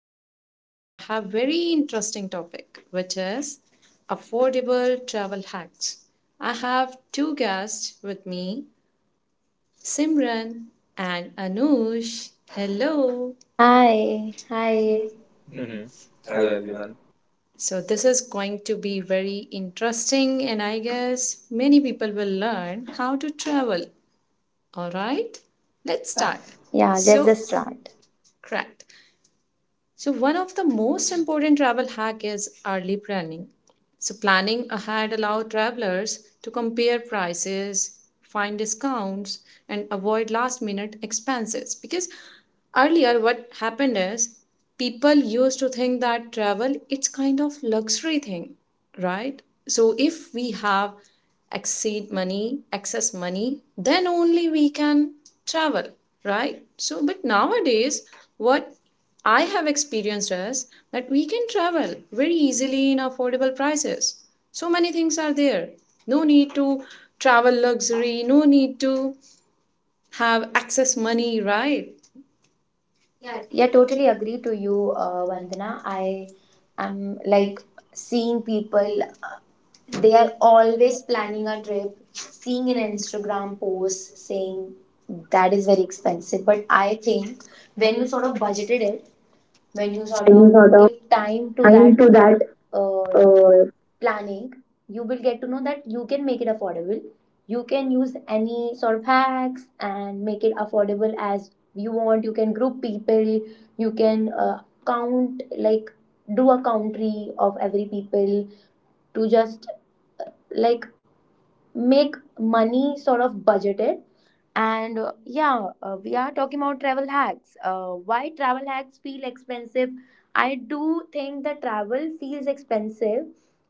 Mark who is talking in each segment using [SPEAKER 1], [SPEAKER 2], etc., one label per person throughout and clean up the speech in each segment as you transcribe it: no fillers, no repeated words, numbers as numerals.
[SPEAKER 1] today I have very interesting topic which is affordable travel hacks. I have two guests with me, Simran and Anush. Hello.
[SPEAKER 2] Hi, hi.
[SPEAKER 3] Mm-hmm. Hello everyone.
[SPEAKER 1] So this is going to be very interesting and I guess many people will learn how to travel. All right? Let's start. Yeah,
[SPEAKER 2] Yeah, let's
[SPEAKER 1] so
[SPEAKER 2] just
[SPEAKER 1] this is true.
[SPEAKER 2] start.
[SPEAKER 1] Correct. So, one of the most important travel hack is early planning. So, planning ahead allows travelers to compare prices, find discounts, and avoid last minute expenses. Because earlier, what happened is people used to think that travel it's kind of luxury thing, right? So, if we have exceed money, excess money, then only we can travel, right? So, but nowadays, what I have experienced is that we can travel very easily in affordable prices. So many things are there. No need to travel luxury, no need to have excess money, right? Yeah,
[SPEAKER 2] But yeah,
[SPEAKER 1] yeah,
[SPEAKER 2] totally
[SPEAKER 1] totally
[SPEAKER 2] agree
[SPEAKER 1] agree to
[SPEAKER 2] to you,
[SPEAKER 1] you, Vandana.
[SPEAKER 2] Vandana.
[SPEAKER 1] I
[SPEAKER 2] I
[SPEAKER 1] am
[SPEAKER 2] am
[SPEAKER 1] like
[SPEAKER 2] like
[SPEAKER 1] seeing
[SPEAKER 2] seeing
[SPEAKER 1] people,
[SPEAKER 2] people, they
[SPEAKER 1] they are
[SPEAKER 2] are always
[SPEAKER 1] always
[SPEAKER 2] planning
[SPEAKER 1] planning
[SPEAKER 2] a
[SPEAKER 1] a
[SPEAKER 2] trip,
[SPEAKER 1] trip,
[SPEAKER 2] seeing
[SPEAKER 1] seeing
[SPEAKER 2] an
[SPEAKER 1] an Instagram
[SPEAKER 2] Instagram post
[SPEAKER 1] post saying
[SPEAKER 2] saying that
[SPEAKER 1] that
[SPEAKER 2] is
[SPEAKER 1] is very
[SPEAKER 2] very expensive.
[SPEAKER 1] expensive.
[SPEAKER 2] But
[SPEAKER 1] But I
[SPEAKER 2] I
[SPEAKER 1] think
[SPEAKER 2] think
[SPEAKER 1] when
[SPEAKER 2] when you
[SPEAKER 1] you
[SPEAKER 2] sort
[SPEAKER 1] sort
[SPEAKER 2] of
[SPEAKER 1] of budgeted
[SPEAKER 2] budgeted
[SPEAKER 1] it,
[SPEAKER 2] it, when
[SPEAKER 1] when
[SPEAKER 2] you
[SPEAKER 1] you sort
[SPEAKER 2] sort
[SPEAKER 1] when of
[SPEAKER 2] of
[SPEAKER 1] you sort of give
[SPEAKER 2] give time to
[SPEAKER 1] time
[SPEAKER 2] that
[SPEAKER 1] to that uh,
[SPEAKER 2] uh,
[SPEAKER 1] uh,
[SPEAKER 2] planning,
[SPEAKER 1] planning.
[SPEAKER 2] you will get to know that you can make it affordable. You can use any sort of hacks and make it affordable as you want. You can group people, you can count like do a country of every people to just like make money sort of budgeted. And yeah, we are talking about travel hacks. Why travel hacks feel expensive? I do think that travel feels expensive.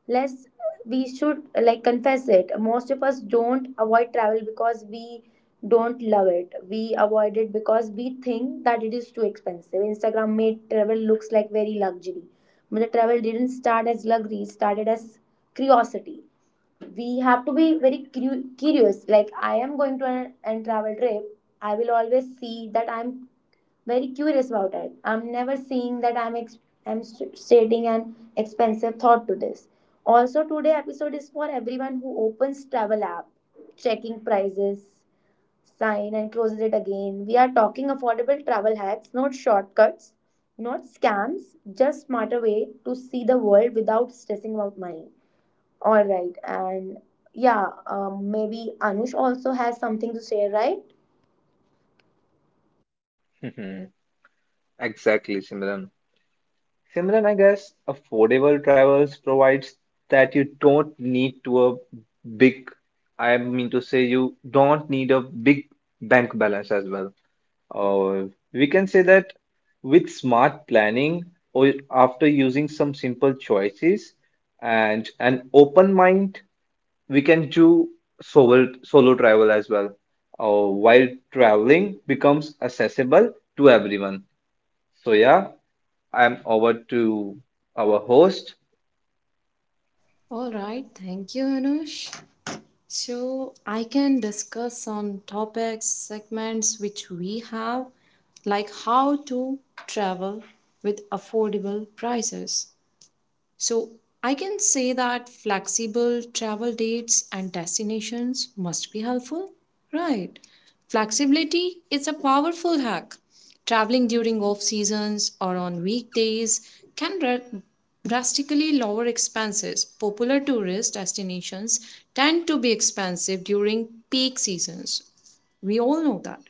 [SPEAKER 2] Less we should like confess it. Most of us don't avoid travel because we don't love it. We avoid it because we think that it is too expensive. Instagram made travel looks like very luxury, but the travel didn't start as luxury. It started as curiosity. We have to be curious. Like, I am going to an travel trip, I will always see that I'm very curious about it. I'm never seeing that I'm stating an expensive thought to this. Also, today episode is for everyone who opens travel app, checking prices sign and closes it again. We are talking affordable travel hacks, not shortcuts, not scams, just smarter way to see the world without stressing about money. All right, and yeah, maybe Anush also has something to say, right?
[SPEAKER 3] Mm-hmm. Exactly, Simran. Simran, I guess affordable travels provides that you don't need to a big, I mean to say you don't need a big bank balance as well. Uh, we can say that with smart planning or after using some simple choices and an open mind, we can do solo travel as well. While traveling becomes accessible to everyone. So yeah, I'm over to our host.
[SPEAKER 1] All right, thank you, Anush. So I can discuss on topics, segments which we have, like how to travel with affordable prices. So I can say that flexible travel dates and destinations must be helpful. Right. Flexibility is a powerful hack. Traveling during off seasons or on weekdays can drastically lower expenses. Popular tourist destinations tend to be expensive during peak seasons. We all know that.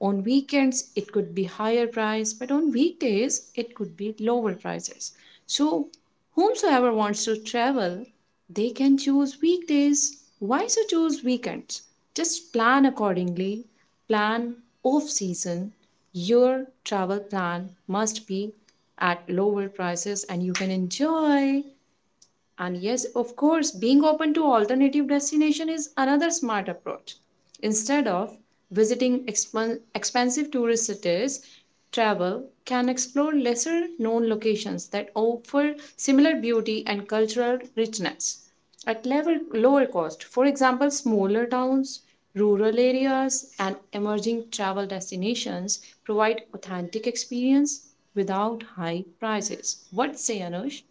[SPEAKER 1] On weekends, it could be higher price, but on weekdays, it could be lower prices. So whomsoever wants to travel, they can choose weekdays. Why so choose weekends? Just plan accordingly. Plan off season. Your travel plan must be at lower prices and you can enjoy. And yes, of course, being open to alternative destination is another smart approach. Instead of visiting expensive tourist cities, travel can explore lesser known locations that offer similar beauty and cultural richness at level, lower cost. For example, smaller towns, rural areas, and emerging travel destinations provide authentic experience without high prices. What say Anush?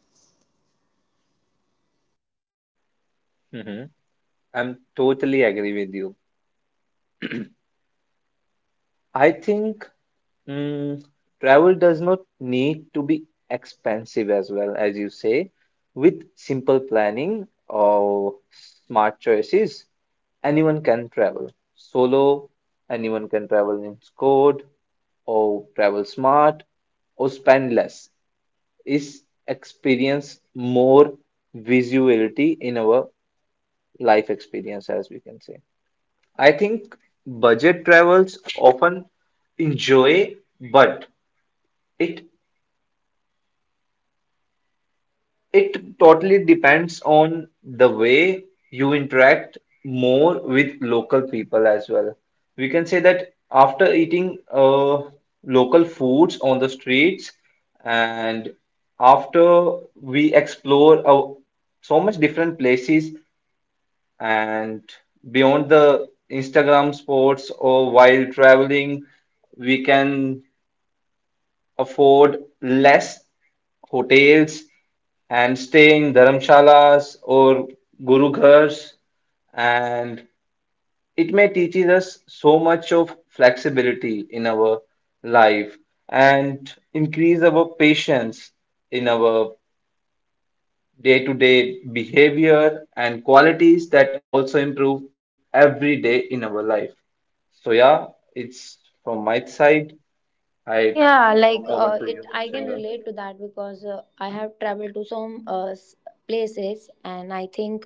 [SPEAKER 3] hmm I'm totally agree with you. I think mm, travel does not need to be expensive as well as you say. With simple planning or smart choices, anyone can travel solo, anyone can travel in squad or travel smart or spend less. Is experience more visuality in our life experience, as we can say. I think budget travels often enjoy, but it It totally depends on the way you interact more with local people as well. We can say that after eating local foods on the streets, and after we explore so much different places, and beyond the Instagram spots or while traveling, we can afford less hotels and stay in dharamshalas or gurughars, and it may teaches us so much of flexibility in our life and increase our patience in our day-to-day behavior and qualities that also improve every day in our life. So yeah, it's from my side. I
[SPEAKER 2] Yeah, like
[SPEAKER 3] over to you,
[SPEAKER 2] it. I can
[SPEAKER 3] Simran.
[SPEAKER 2] relate to that because I have traveled to some places, and I think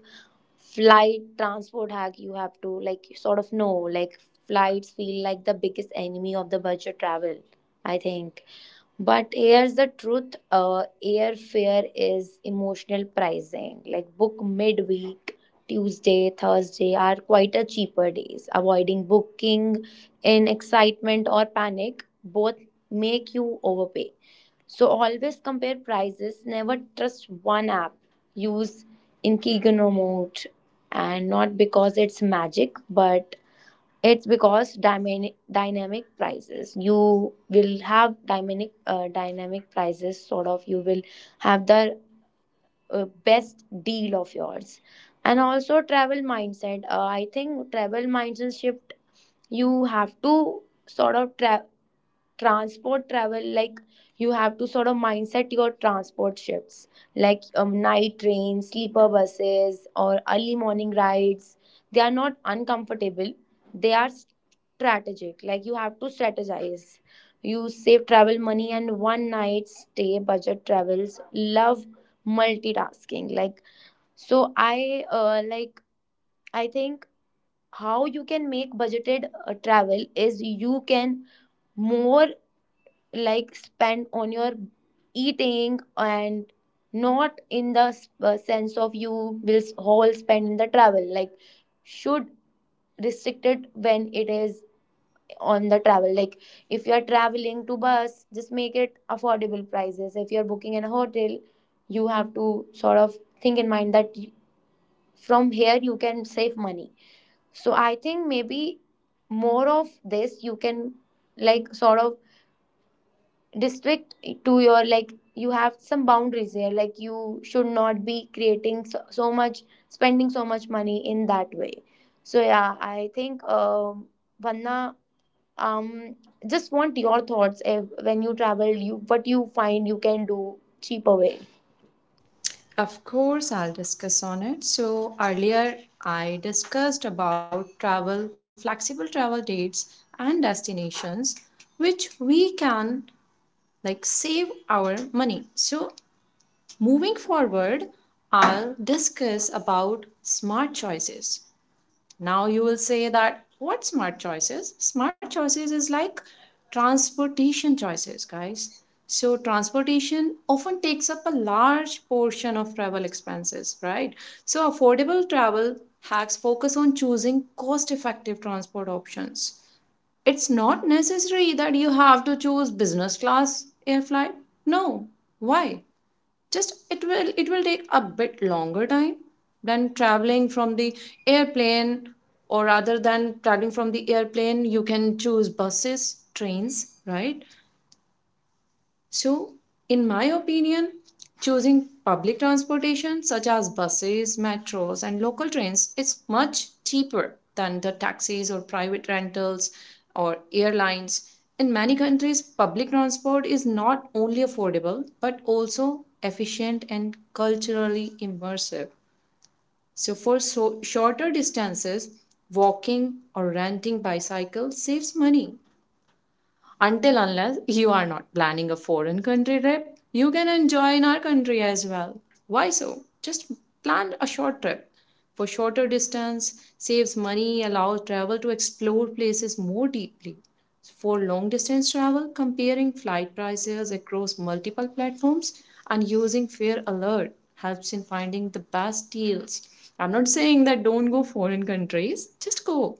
[SPEAKER 2] flight transport hack. You have to like sort of know like flights feel like the biggest enemy of the budget travel. I think. But here's the truth, airfare is emotional pricing. Like, book midweek, Tuesday, Thursday are quite a cheaper days. Avoiding booking in excitement or panic both make you overpay. So, always compare prices, never trust one app. Use Inkiganomode, and not because it's magic, but it's because dynamic prices. You will have dynamic dynamic prices. Sort of, you will have the best deal of yours, and also travel mindset. I think travel mindset shift. You have to sort of travel transport travel like you have to sort of mindset your transport shifts, like night trains, sleeper buses, or early morning rides. They are not uncomfortable, they are strategic. Like, you have to strategize, you save travel money and one night stay. Budget travels love multitasking. Like, so I like I think how you can make budgeted travel is you can more like spend on your eating and not in the sense of you all spend in the travel. Like, should restrict it when it is on the travel. Like, if you are traveling to bus, just make it affordable prices. If you are booking in a hotel, you have to sort of think in mind that from here you can save money. So I think maybe more of this you can like sort of district to your like you have some boundaries here. Like, you should not be creating so much, spending so much money in that way. So yeah, I think Vanna, um just want your thoughts if, when you travel you what you find you can do cheaper way
[SPEAKER 1] Of course, I'll discuss on it. So, earlier I discussed about travel, flexible travel dates and destinations which we can like save our money. So, moving forward, I'll discuss about smart choices. Now you will say that what smart choices? Smart choices is like transportation choices, guys. So transportation often takes up a large portion of travel expenses, right? So affordable travel hacks focus on choosing cost-effective transport options. It's not necessary that you have to choose business class air flight. No. Why? Just it will take a bit longer time than traveling from the airplane, or rather than traveling from the airplane you can choose buses, trains, right? So, in my opinion, choosing public transportation such as buses, metros, and local trains is much cheaper than the taxis or private rentals or airlines. In many countries, public transport is not only affordable but also efficient and culturally immersive. So, for shorter distances, walking or renting bicycle saves money until unless you are not planning a foreign country trip, you can enjoy in our country as well. Why so? Just plan a short trip. For shorter distance, saves money, allows travel to explore places more deeply. For long distance travel, comparing flight prices across multiple platforms and using Fare Alert helps in finding the best deals. I'm not saying that don't go foreign countries, just go.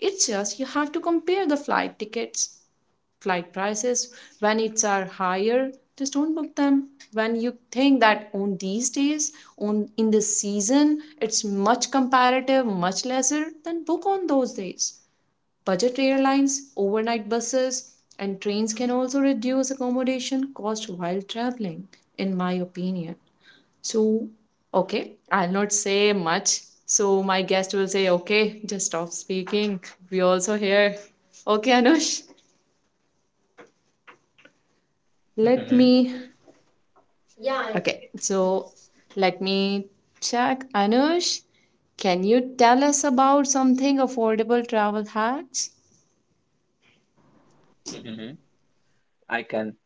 [SPEAKER 1] It's just you have to compare the flight tickets, flight prices. When it's are higher, just don't book them. When you think that on these days, on in the season it's much comparative much lesser, then book on those days. Budget airlines, overnight buses, and trains can also reduce accommodation cost while traveling, in my opinion. So okay, I'll not say much, so my guest will say okay, just stop speaking, we also here. Okay, Anush, let me—
[SPEAKER 3] hmm
[SPEAKER 1] yeah. I— okay, so let me check. Anush, can you tell us about something affordable travel hacks?
[SPEAKER 3] I can.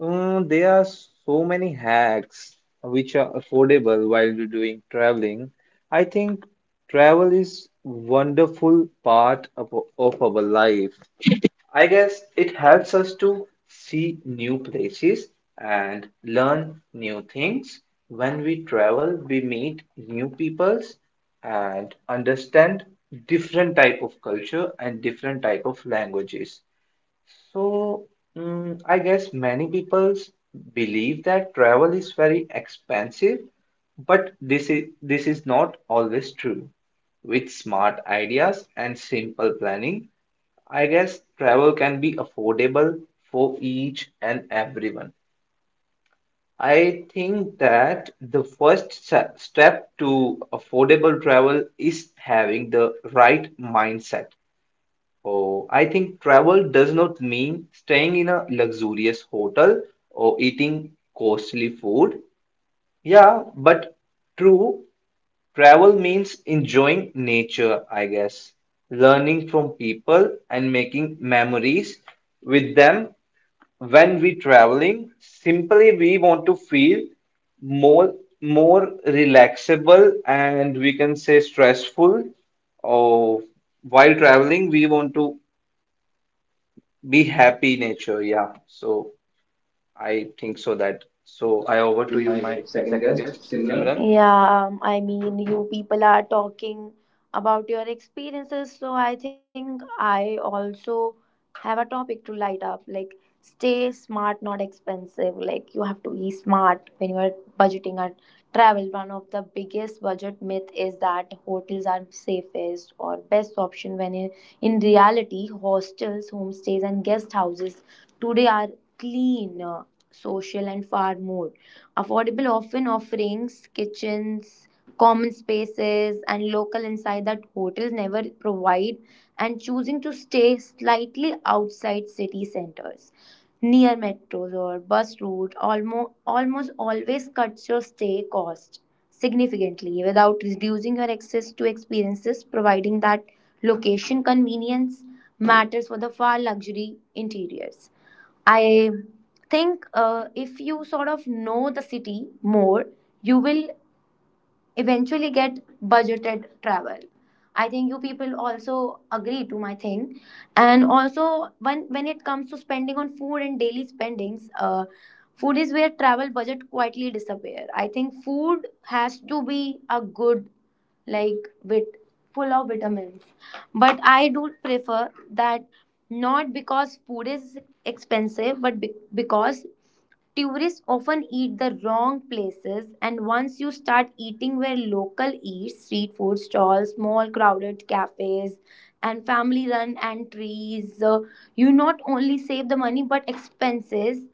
[SPEAKER 3] There are so many hacks which are affordable while you're doing traveling. I think travel is wonderful part of our life. I guess it helps us to see new places and learn new things. When we travel, we meet new peoples and understand different type of culture and different type of languages. So, I guess many people believe that travel is very expensive, but this is not always true. With smart ideas and simple planning, I guess travel can be affordable for each and everyone. I think that the first step to affordable travel is having the right mindset. Oh, I think travel does not mean staying in a luxurious hotel or eating costly food. Yeah, but true, travel means enjoying nature, I guess, learning from people and making memories with them. When we traveling, simply we want to feel more more relaxable and we can say stressful or while traveling we want to be happy nature, yeah. So I think so that. So I
[SPEAKER 2] to
[SPEAKER 3] over
[SPEAKER 2] you,
[SPEAKER 3] to you,
[SPEAKER 2] my
[SPEAKER 3] my
[SPEAKER 2] second
[SPEAKER 3] second
[SPEAKER 2] guest,
[SPEAKER 3] guest,
[SPEAKER 2] Simran.
[SPEAKER 3] Simran.
[SPEAKER 2] Yeah, I mean, you people are talking about your experiences, so I think I also have a topic to light up. Like, stay smart, not expensive. Like, you have to be smart when you are budgeting a travel. One of the biggest budget myth is that hotels are safest or best option when in reality, hostels, homestays, and guest houses today are clean, social, and far more affordable, often offerings, kitchens, common spaces, and local insight that hotels never provide, and choosing to stay slightly outside city centers, near metros or bus route, almost always cuts your stay cost significantly without reducing your access to experiences, providing that location convenience matters for the far luxury interiors. I think if you sort of know the city more, you will eventually get budgeted travel. I think you people also agree to my thing. And also, when it comes to spending on food and daily spendings, food is where travel budget quietly disappear. I think food has to be a good, like with full of vitamins, but I do prefer that. Not because food is expensive, but because tourists often eat the wrong places, and once you start eating where local eat, street food stalls, small crowded cafes, and family run entries, you not only save the money but expenses.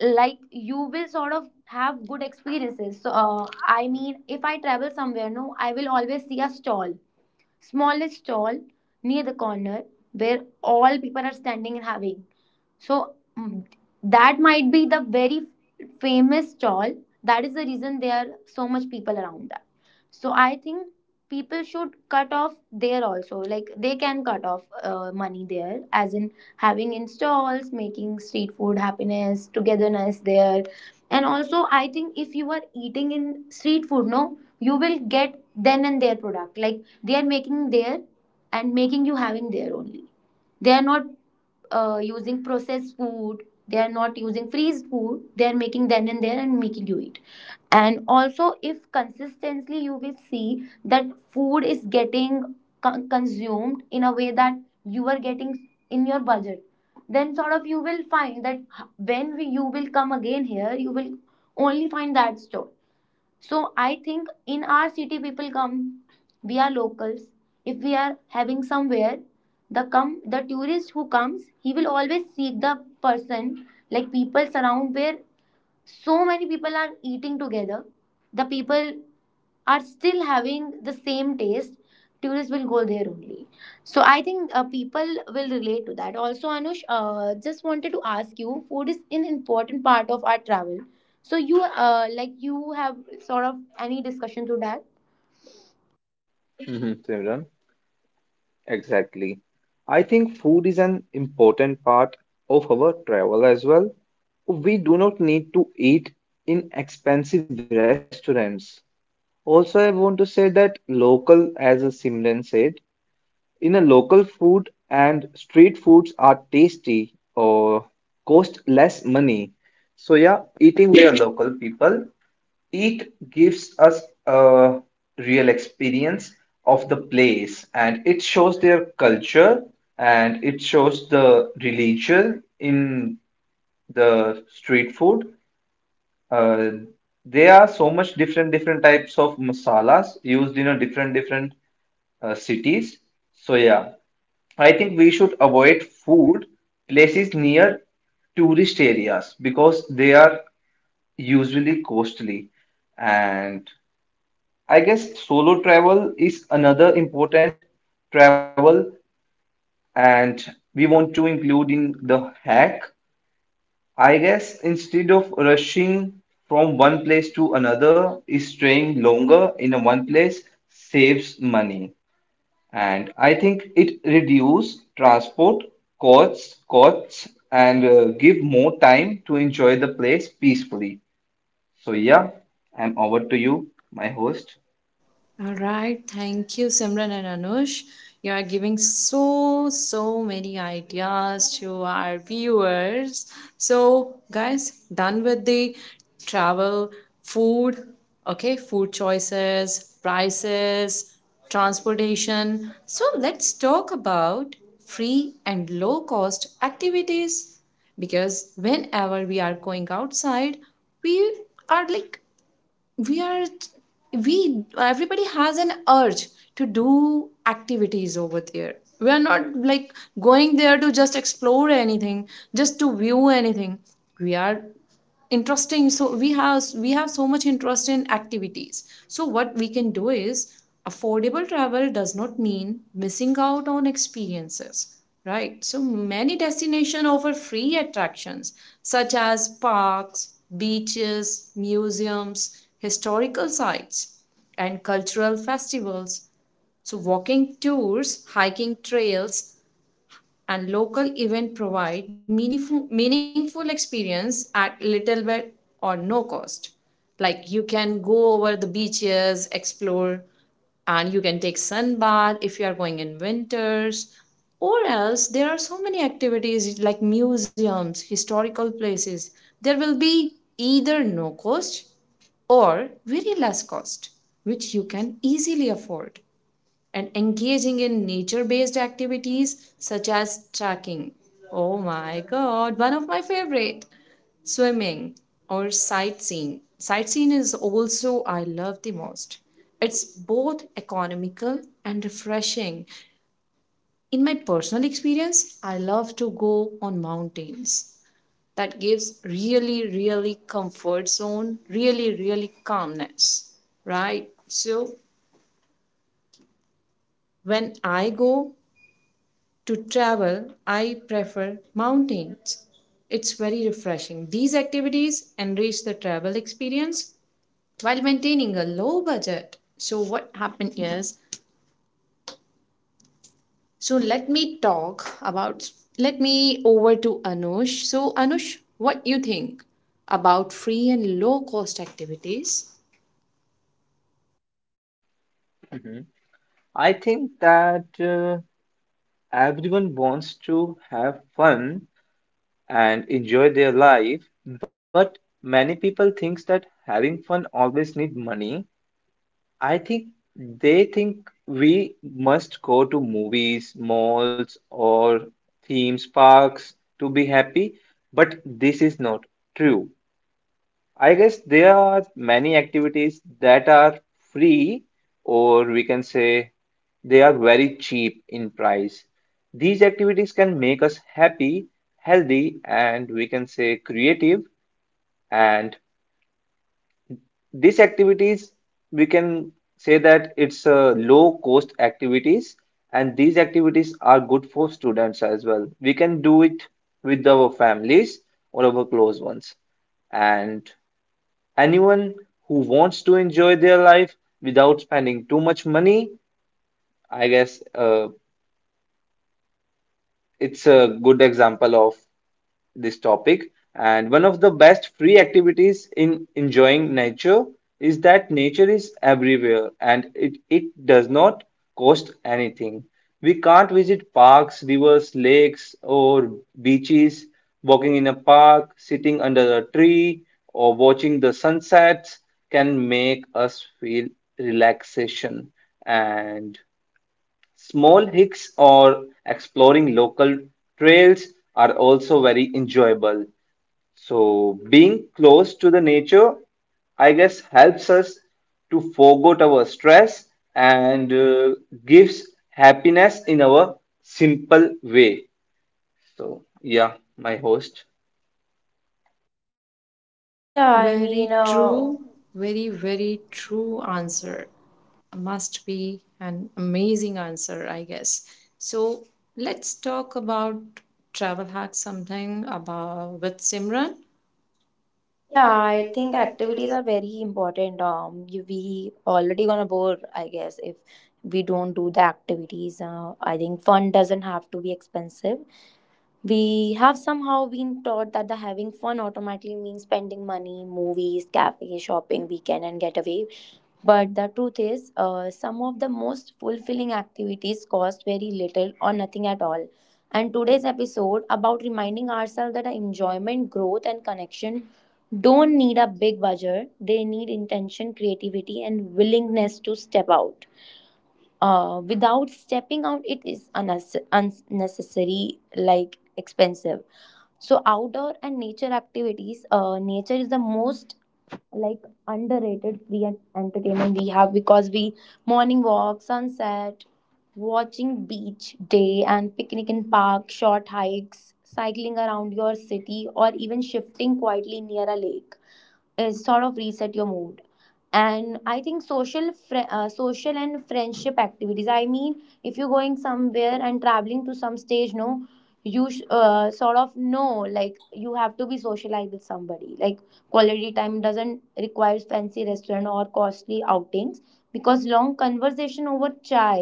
[SPEAKER 2] Like, you will sort of have good experiences. So, I mean, if I travel somewhere, no, I will always see a stall, smallest stall near the corner where all people are standing and having. So, that might be the very famous stall. That is the reason there are so much people around that. So I think people should cut off there also. Like, they can cut off money there, as in having in stalls, making street food happiness, togetherness there. And also, I think if you are eating in street food, no, you will get then and their product. Like, they are making their and making you having their only. They are not using processed food, they are not using freezed food, they are making then and there and making you eat. And also if consistently you will see that food is getting consumed in a way that you are getting in your budget, then sort of you will find that you will come again here, you will only find that store. So I think in our city people come, we are locals. If we are having somewhere, the come the tourist who comes, he will always seek the person like people surround where so many people are eating together. The people are still having the same taste, tourists will go there only. So I think people will relate to that also. Anush, just wanted to ask you, food is an important part of our travel, so you like you have sort of any discussion to that.
[SPEAKER 3] Simran, exactly. I think food is an important part of our travel as well. We do not need to eat in expensive restaurants. Also, I want to say that local, as Simran said, in a local food and street foods are tasty or cost less money. So yeah, eating with local people, it gives us a real experience of the place, and it shows their culture and it shows the religion in the street food. Uh, there are so much different different types of masalas used in a different different cities. So yeah, I think we should avoid food places near tourist areas because they are usually costly. And I guess solo travel is another important travel, and we want to include in the hack. I guess instead of rushing from one place to another, staying longer in a one place saves money. And I think it reduces transport costs and give more time to enjoy the place peacefully. So yeah, I'm over to you, my host.
[SPEAKER 1] All right, thank you, Simran and Anush. You are giving so, so many ideas to our viewers. So, guys, done with the travel, food, okay, food choices, prices, transportation. So, let's talk about free and low cost activities. Because whenever we are going outside, we are like we are we everybody has an urge to do activities over there. We are not like going there to just explore anything, just to view anything. We are interesting, so we have so much interest in activities. So what we can do is affordable travel does not mean missing out on experiences, right? So many destinations offer free attractions such as parks, beaches, museums, historical sites, and cultural festivals. So walking tours, hiking trails, and local event provide meaningful experience at little bit or no cost. Like you can go over the beaches, explore, and you can take sun bath if you are going in winters. Or else there are so many activities like museums, historical places. There will be either no cost or very less cost which you can easily afford. And engaging in nature based activities such as trekking. Oh my god, one of my favorite. Swimming or sightseeing. Sightseeing is also I love the most. It's both economical and refreshing. In my personal experience, I love to go on mountains. That gives really, really comfort zone, really, really calmness, right? So when I go to travel, I prefer mountains. It's very refreshing. These activities enrich the travel experience while maintaining a low budget. So what happened is, so let me talk about, let me over to Anush. So Anush, what you think about free and low cost activities?
[SPEAKER 3] I think that everyone wants to have fun and enjoy their life, but many people thinks that having fun always need money. I think they think we must go to movies, malls, or theme parks to be happy, but this is not true. I guess there are many activities that are free, or we can say they are very cheap in price. These activities can make us happy, healthy, and we can say creative. And these activities, we can say that it's a low cost activities, and these activities are good for students as well. We can do it with our families or our close ones, and anyone who wants to enjoy their life without spending too much money, I guess, it's a good example of this topic. And one of the best free activities in enjoying nature is that nature is everywhere and it does not cost anything. We can't visit parks, rivers, lakes, or beaches. Walking in a park, sitting under a tree, or watching the sunsets can make us feel relaxation. And small hikes or exploring local trails are also very enjoyable. So, being close to the nature, I guess, helps us to forget our stress and gives happiness in our simple way. So, yeah, my host.
[SPEAKER 2] Yeah,
[SPEAKER 1] Yeah,
[SPEAKER 2] I
[SPEAKER 1] very
[SPEAKER 2] mean,
[SPEAKER 1] true, very, very true answer. Must be an amazing answer, I guess. So let's talk about travel hacks something about with Simran.
[SPEAKER 2] yeah,
[SPEAKER 1] Yeah,
[SPEAKER 2] I
[SPEAKER 1] I
[SPEAKER 2] think
[SPEAKER 1] think
[SPEAKER 2] activities
[SPEAKER 1] activities.
[SPEAKER 2] are very important. You, we already gonna bore, I guess, if we don't do the activities. I think fun doesn't have to be expensive. We have somehow been taught that the having fun automatically means spending money, movies, cafe, shopping, weekend, and getaway. But the truth is, some of the most fulfilling activities cost very little or nothing at all. And today's episode about reminding ourselves that enjoyment, growth, and connection don't need a big budget. They need intention, creativity, and willingness to step out. Without stepping out, it is unnecessary, like expensive. So outdoor and nature activities, nature is the most like underrated free and entertainment we have because we morning walk, sunset, watching beach day and picnic in park, short hikes, cycling around your city, or even shifting quietly near a lake is sort of reset your mood. And I think social and friendship activities, I mean, if you're going somewhere and traveling to some stage, no, you sort of know, like you have to be socialized with somebody. Like, quality time doesn't require fancy restaurant or costly outings, because long conversation over chai,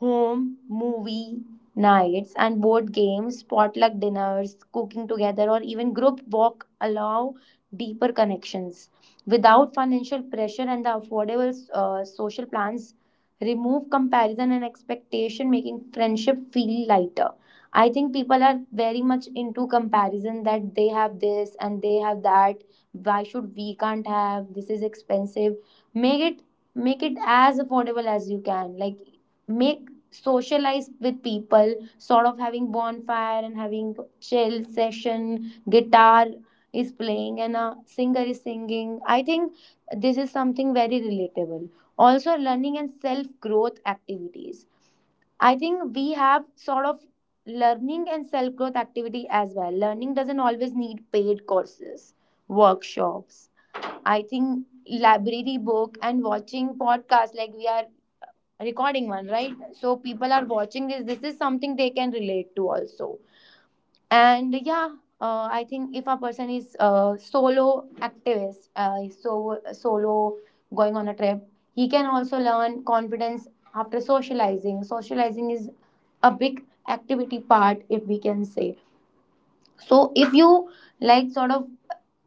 [SPEAKER 2] home movie nights and board games, potluck dinners, cooking together, or even group walk allow deeper connections. Without financial pressure and the affordable social plans, remove comparison and expectation, making friendship feel lighter. I think people are very much into comparison that they have this and they have that. Why should we can't have? This is expensive. Make it, make it as affordable as you can. Like, make socialize with people sort of having bonfire and having chill session, guitar is playing and a singer is singing. I think this is something very relatable. Also learning and self growth activities. I think we have sort of learning and self growth activity as well. Learning doesn't always need paid courses, workshops. I think library book and watching podcasts like we are recording one, right? So people are watching this. This is something they can relate to also. And yeah, I think if a person is solo activist, so solo going on a trip, he can also learn confidence after socializing. Socializing is a big activity part, if we can say. So if you like, sort of,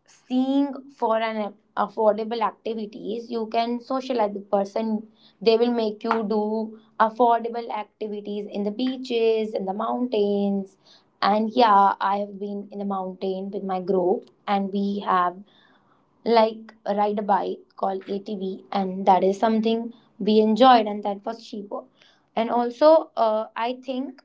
[SPEAKER 2] seeing for an affordable activities, you can socialize with person. They will make you do affordable activities in the beaches, in the mountains. And yeah, I have been in the mountain with my group, and we have, like, ride a bike called atv, and that is something we enjoyed, and that was cheaper. And also I think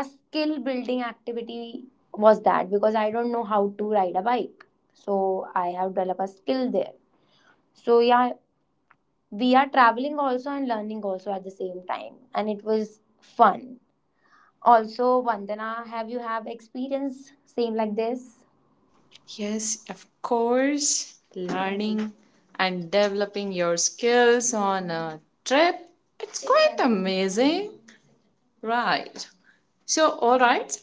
[SPEAKER 2] a skill building activity was that, because I don't know how to ride a bike. So I have developed a skill there. So yeah, we are traveling also and learning also at the same time. And it was fun. Also, Vandana, have you have experience same like this?
[SPEAKER 1] Yes, of course, learning and developing your skills on a trip. It's quite amazing. Right. So, all right,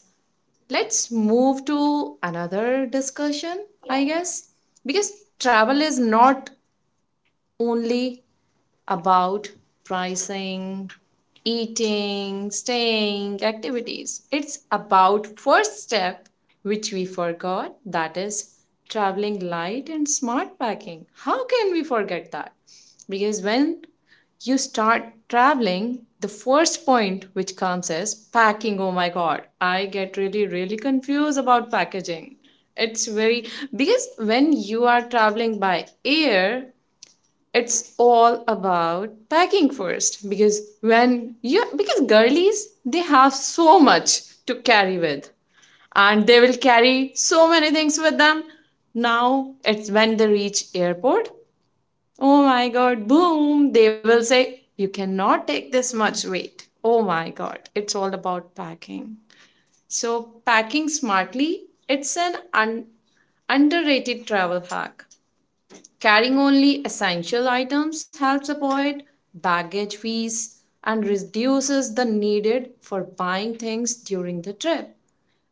[SPEAKER 1] let's move to another discussion,
[SPEAKER 2] Yeah,
[SPEAKER 1] I
[SPEAKER 2] yeah.
[SPEAKER 1] guess, because travel is not only about pricing, eating, staying, activities. It's about first step which we forgot, that is traveling light and smart packing. How can we forget that? Because when you start traveling, the first point which comes is packing. Oh my god, I get really, really confused about packaging. It's very, because when you are traveling by air, it's all about packing first. Because when you, because girlies, they have so much to carry with, and they will carry so many things with them. Now it's when they reach airport, oh my god, boom, they will say you cannot take this much weight. Oh my god, it's all about packing. So packing smartly, it's an underrated travel hack. Carrying only essential items helps avoid baggage fees and reduces the needed for buying things during the trip.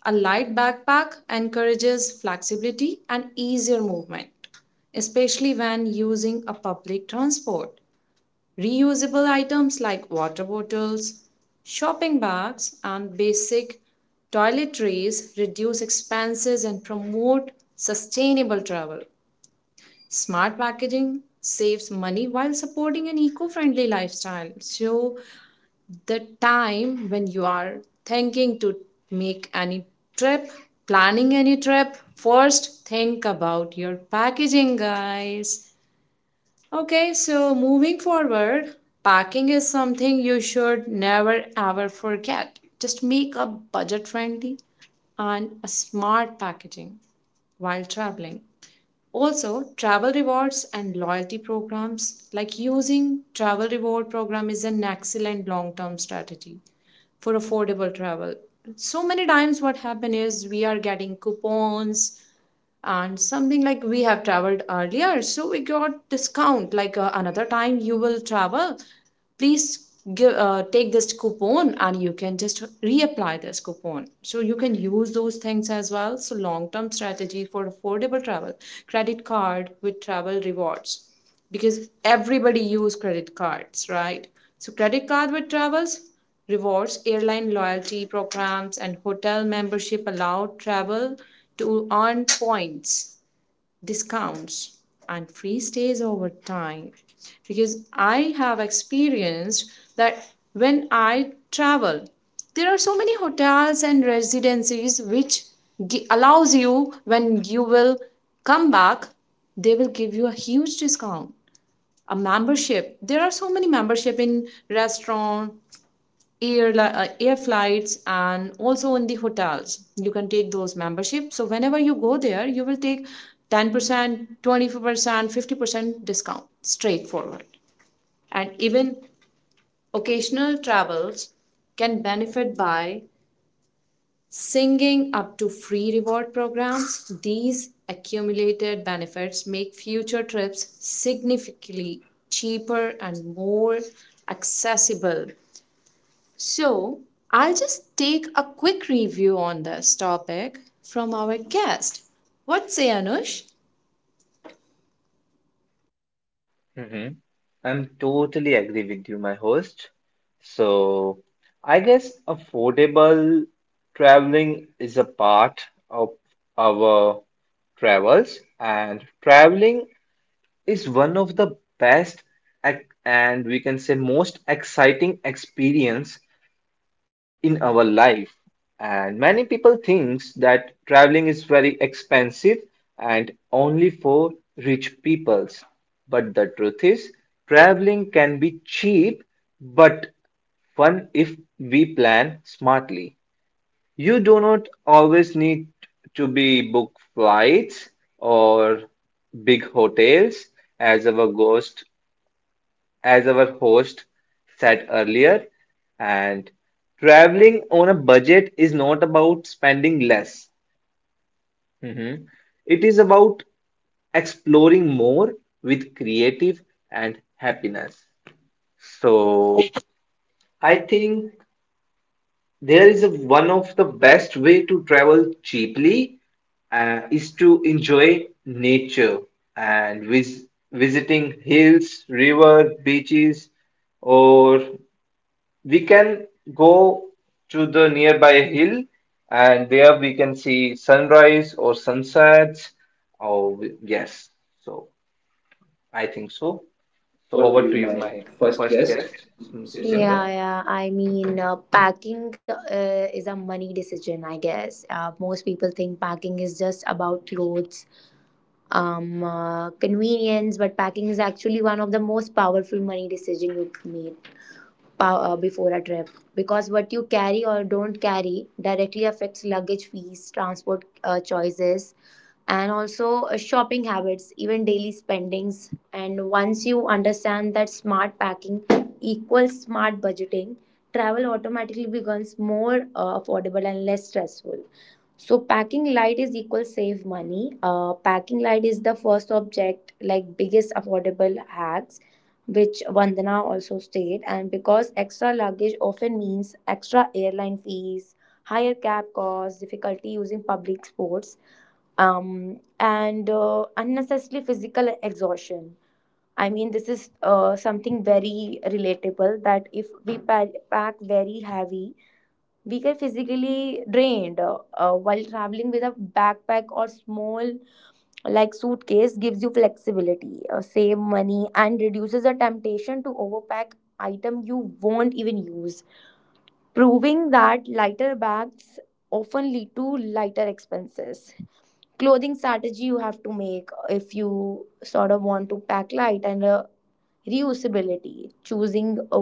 [SPEAKER 1] A light backpack encourages flexibility and easier movement, especially when using a public transport. Reusable items like water bottles, shopping bags, and basic toiletries reduce expenses and promote sustainable travel. Smart packaging saves money while supporting an eco friendly lifestyle. So, the time when you are thinking to make any trip, planning any trip, first think about your packaging, guys. Okay, so moving forward, packing is something you should never ever forget. Just make a budget friendly and a smart packaging while traveling. Also, travel rewards and loyalty programs, like using travel reward program is an excellent long-term strategy for affordable travel. So many times what happen is we are getting coupons and something like we have traveled earlier, so we got discount. Like another time you will travel, please give take this coupon and you can just reapply this coupon, so you can use those things as well. So long term strategy for affordable travel, credit card with travel rewards, because everybody use credit cards, right? So credit card with travels rewards, airline loyalty programs and hotel membership allow travel to earn points, discounts, and free stays over time. Because I have experienced that when I travel, there are so many hotels and residencies which allows you when you will come back, they will give you a huge discount. A membership. There are so many membership in restaurant, air flights, and also in the hotels you can take those membership. So whenever you go there you will take 10% 24% 50% discount straightforward. And even occasional travels can benefit by singing up to free reward programs. These accumulated benefits make future trips significantly cheaper and more accessible. So, I'll just take a quick review on this topic from our guest. What say, Anush?
[SPEAKER 3] hmm I'm totally agree with you, my host. So I guess affordable traveling is a part of our travels, and traveling is one of the best and we can say most exciting experience in our life. And many people thinks that traveling is very expensive and only for rich peoples, but the truth is traveling can be cheap but fun if we plan smartly. You do not always need to be book flights or big hotels, as our ghost as our host said earlier. And traveling on a budget is not about spending less. Mhm. It is about exploring more with creative and happiness. So I think there is a, one of the best way to travel cheaply is to enjoy nature and visiting hills, river, beaches, or we can go to the nearby hill and there we can see sunrise or sunsets, or yes. So I think so. So
[SPEAKER 2] Over to
[SPEAKER 3] over
[SPEAKER 2] you,
[SPEAKER 3] to you,
[SPEAKER 2] my
[SPEAKER 3] my
[SPEAKER 2] first
[SPEAKER 3] first
[SPEAKER 2] guest.
[SPEAKER 3] guest,
[SPEAKER 2] Yeah,
[SPEAKER 3] Simran.
[SPEAKER 2] yeah. I mean, packing is a money decision, I guess. Most people think packing is just about clothes, convenience, but packing is actually one of the most powerful money decision you made. Before a trip, because what you carry or don't carry directly affects luggage fees, transport choices, and also shopping habits, even daily spendings. And once you understand that smart packing equals smart budgeting, travel automatically becomes more affordable and less stressful. So packing light is equal save money. Packing light is the first object, like biggest affordable hacks, which Vandana also stated. And because extra luggage often means extra airline fees, higher cab costs, difficulty using public sports, and unnecessary physical exhaustion. I mean, this is something very relatable that if we pack very heavy, we get physically drained, while traveling with a backpack or small, like, suitcase gives you flexibility, save money and reduces the temptation to overpack item you won't even use, proving that lighter bags often lead to lighter expenses. Clothing strategy you have to make if you sort of want to pack light and, reusability. Choosing a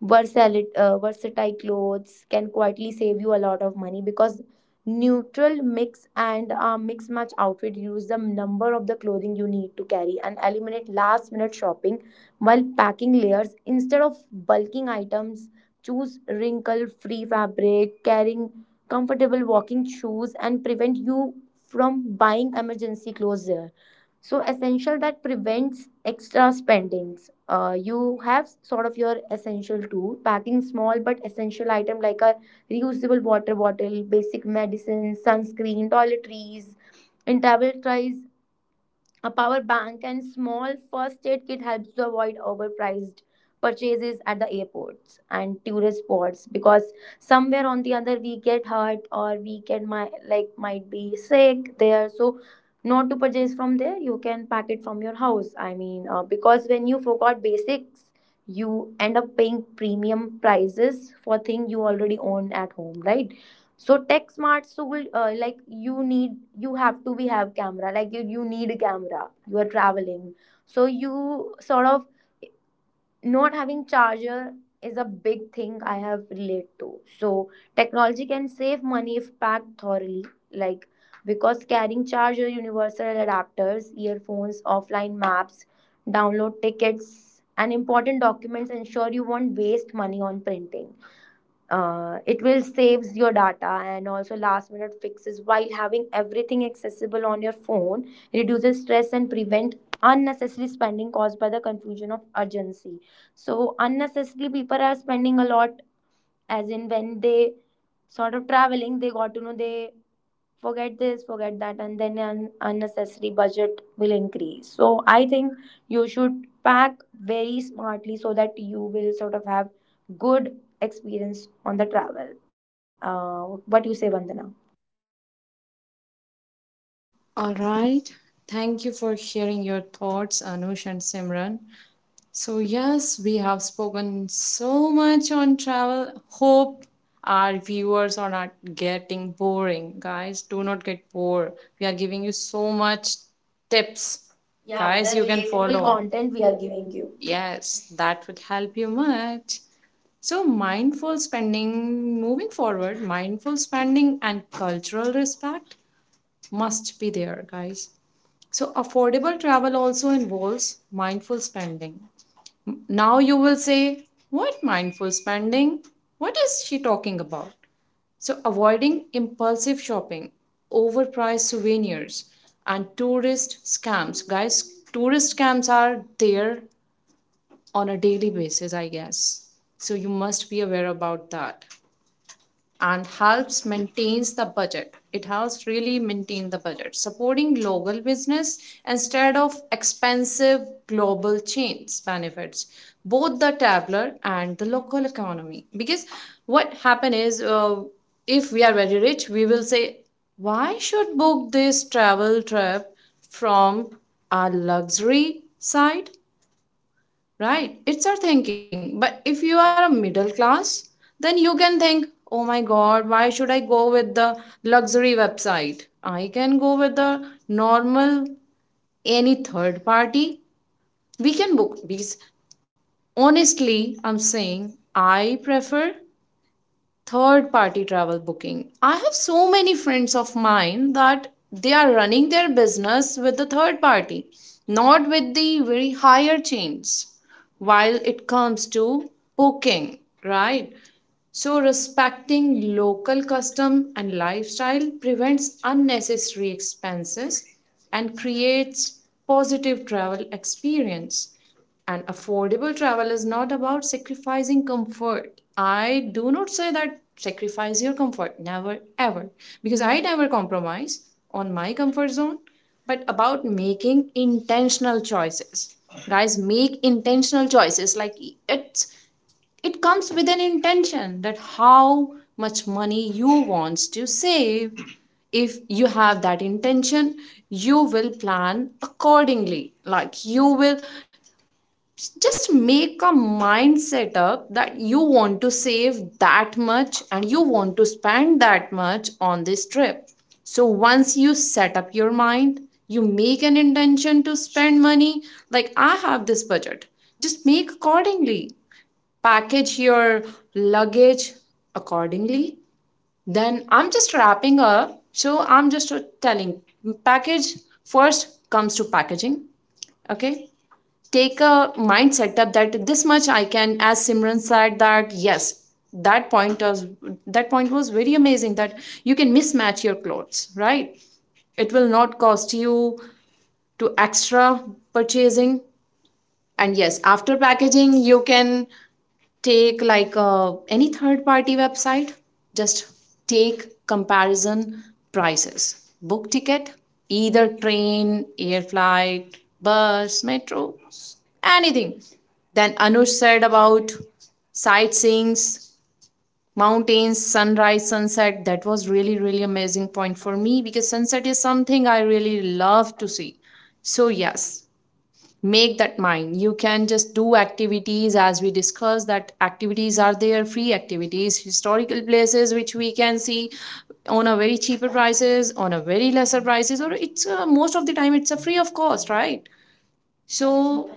[SPEAKER 2] versatile, versatile clothes can quietly save you a lot of money, because neutral mix and mix match outfit reduce the number of the clothing you need to carry and eliminate last minute shopping, while packing layers instead of bulking items, choose wrinkle free fabric, carrying comfortable walking shoes and prevent you from buying emergency clothes there. So essential that prevents extra spendings. You have sort of your essential too, packing small but essential item like a reusable water bottle, basic medicines, sunscreen, toiletries, and travel tries. A power bank and small first aid kit helps to avoid overpriced purchases at the airports and tourist spots, because somewhere on the other we get hurt or we can my, like, might be sick there. So, not to purchase from there, you can pack it from your house. I mean, because when you forgot basics, you end up paying premium prices for thing you already own at home, right? So tech smart tool, like you need, you have to be have camera, like you need a camera, you are traveling, so you sort of not having charger is a big thing I have relate to. So technology can save money if packed thoroughly, like, because carrying charger, universal adapters, earphones, offline maps, download tickets and important documents ensure you won't waste money on printing. It will saves your data and also last minute fixes, while having everything accessible on your phone reduces stress and prevent unnecessary spending caused by the confusion of urgency. So unnecessarily people are spending a lot, as in when they sort of traveling they got to know they forget this, forget that, and then an unnecessary budget will increase. So I think you should pack very smartly, so that you will sort of have good experience on the travel. uh, what do you say, Vandana?
[SPEAKER 1] All right. Thank you for sharing your thoughts, Anush and Simran. So, yes, we have spoken so much on travel. Hope our viewers are not getting boring. Guys, do not get bored. We are giving you so much tips. Yeah,
[SPEAKER 2] Yeah, the
[SPEAKER 1] guys, the you can relatable
[SPEAKER 2] relatable
[SPEAKER 1] follow.
[SPEAKER 2] content
[SPEAKER 1] Content
[SPEAKER 2] we
[SPEAKER 1] we
[SPEAKER 2] are
[SPEAKER 1] are
[SPEAKER 2] giving
[SPEAKER 1] giving you.
[SPEAKER 2] you.
[SPEAKER 1] Yes, that would help you much. So, mindful spending, moving forward, mindful spending and cultural respect must be there, guys. So, affordable travel also involves mindful spending. Now, you will say, what mindful spending? What is she talking about? So, avoiding impulsive shopping, overpriced souvenirs, and tourist scams. Guys, tourist scams are there on a daily basis, I guess. So, you must be aware about that. And helps maintains the budget, it helps really maintain the budget, supporting local business instead of expensive global chains benefits both the traveler and the local economy. Because what happen is if we are very rich we will say, why should book this travel trip from our luxury side? Right, it's our thinking. But if you are a middle class, then you can think, oh my god, why should I go with the luxury website? I can go with the normal, any third party. We can book these. Honestly, I'm saying I prefer third party travel booking. I have so many friends of mine that they are running their business with the third party, not with the very higher chains. While it comes to booking, right? So, respecting local custom and lifestyle prevents unnecessary expenses and creates positive travel experience. And affordable travel is not about sacrificing comfort. I do not say that sacrifice your comfort, never ever, because I never compromise on my comfort zone, but about making intentional choices. Guys, make intentional choices, like it's, it comes with an intention that how much money you wants to save. If you have that intention, you will plan accordingly. Like you will just make a mindset up that you want to save that much and you want to spend that much on this trip. So once you set up your mind, you make an intention to spend money, like I have this budget, just make accordingly, package your luggage accordingly. Then I'm just wrapping up. So I'm just Telling package, first comes to packaging. Okay. Take a mind setup that this much I can, as Simran said, that yes, that point was that point was very amazing, that you can mismatch your clothes, right? It will not cost you to extra purchasing. And yes, after packaging, you can take any third party website, just take comparison prices, book ticket, either train, air flight, bus, metro, anything. Then Anush said about sightseeing, mountains, sunrise, sunset. That was really really amazing point for me, because sunset is something I really love to see. So yes, make that mind. You can just do activities, as we discussed, that activities are there, free activities, historical places, which we can see on a very cheaper prices, on a very lesser prices, or it's most of the time it's a free of cost, right? So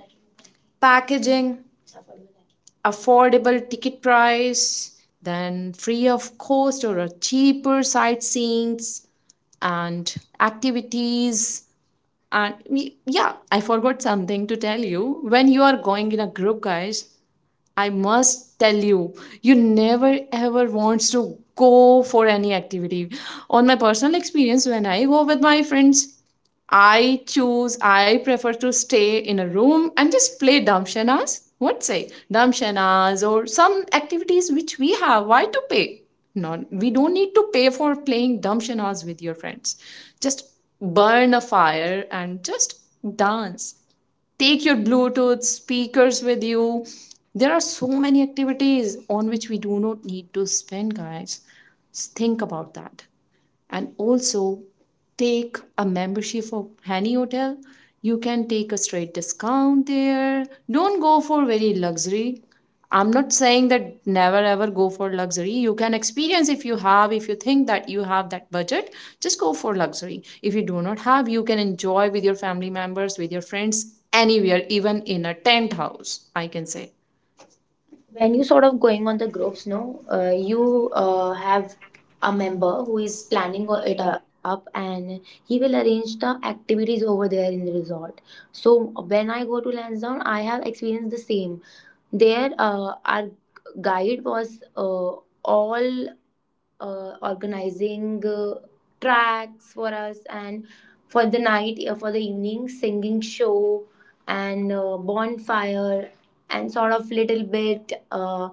[SPEAKER 1] packaging, affordable ticket price, then free of cost or a cheaper sightseeings and activities. And yeah, I forgot something to tell you. When you are going in a group, guys, I must tell you, you never ever wants to go for any activity. On my personal experience, when I go with my friends, I prefer to stay in a room and just play damshanas. What say? Damshanas or some activities which we have. Why to pay? No, we don't need to pay for playing damshanas with your friends. Just burn a fire, and just dance. Take your Bluetooth speakers with you. There are so many activities on which we do not need to spend, guys. Think about that. And also take a membership of Hani Hotel. You can take a straight discount there. Don't go for very luxury. I'm not saying that never ever go for luxury. You can experience if you have, if you think that you have that budget, just go for luxury. If you do not have, you can enjoy with your family members, with your friends, anywhere, even in a tent house, I can say.
[SPEAKER 2] When
[SPEAKER 1] When
[SPEAKER 2] you
[SPEAKER 1] you sort
[SPEAKER 2] sort
[SPEAKER 1] of
[SPEAKER 2] of
[SPEAKER 1] going
[SPEAKER 2] going on
[SPEAKER 1] on
[SPEAKER 2] the
[SPEAKER 1] the roads,
[SPEAKER 2] groups,
[SPEAKER 1] no,
[SPEAKER 2] no, you
[SPEAKER 1] you
[SPEAKER 2] have
[SPEAKER 1] have
[SPEAKER 2] a
[SPEAKER 1] a member
[SPEAKER 2] member who
[SPEAKER 1] who
[SPEAKER 2] is
[SPEAKER 1] is planning
[SPEAKER 2] planning o-
[SPEAKER 1] on
[SPEAKER 2] it
[SPEAKER 1] it.
[SPEAKER 2] up, and he will arrange the activities over there in the resort. So when I go to Lansdowne, I have experienced the same. There our guide was, all organizing tracks for us, and for the night, for the evening singing show and bonfire and sort of little bit uh,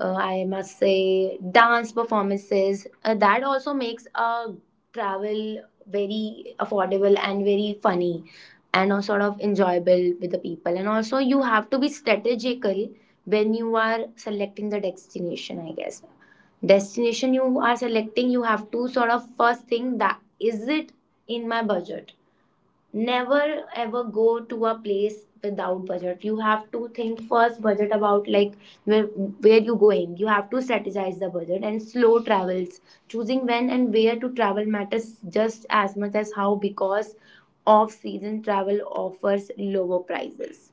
[SPEAKER 2] uh, I must say, dance performances. That also makes a travel very affordable and very funny and sort of enjoyable with the people. And also, you have to be strategical when you are selecting the destination, I guess. Destination you are selecting, you have to sort of first think that, is it in my budget? Never ever go to a place without budget. You have to think first budget about, like, where you going. You have to strategize the budget and slow travels. Choosing when and where to travel matters just as much as how, because off season travel offers lower prices,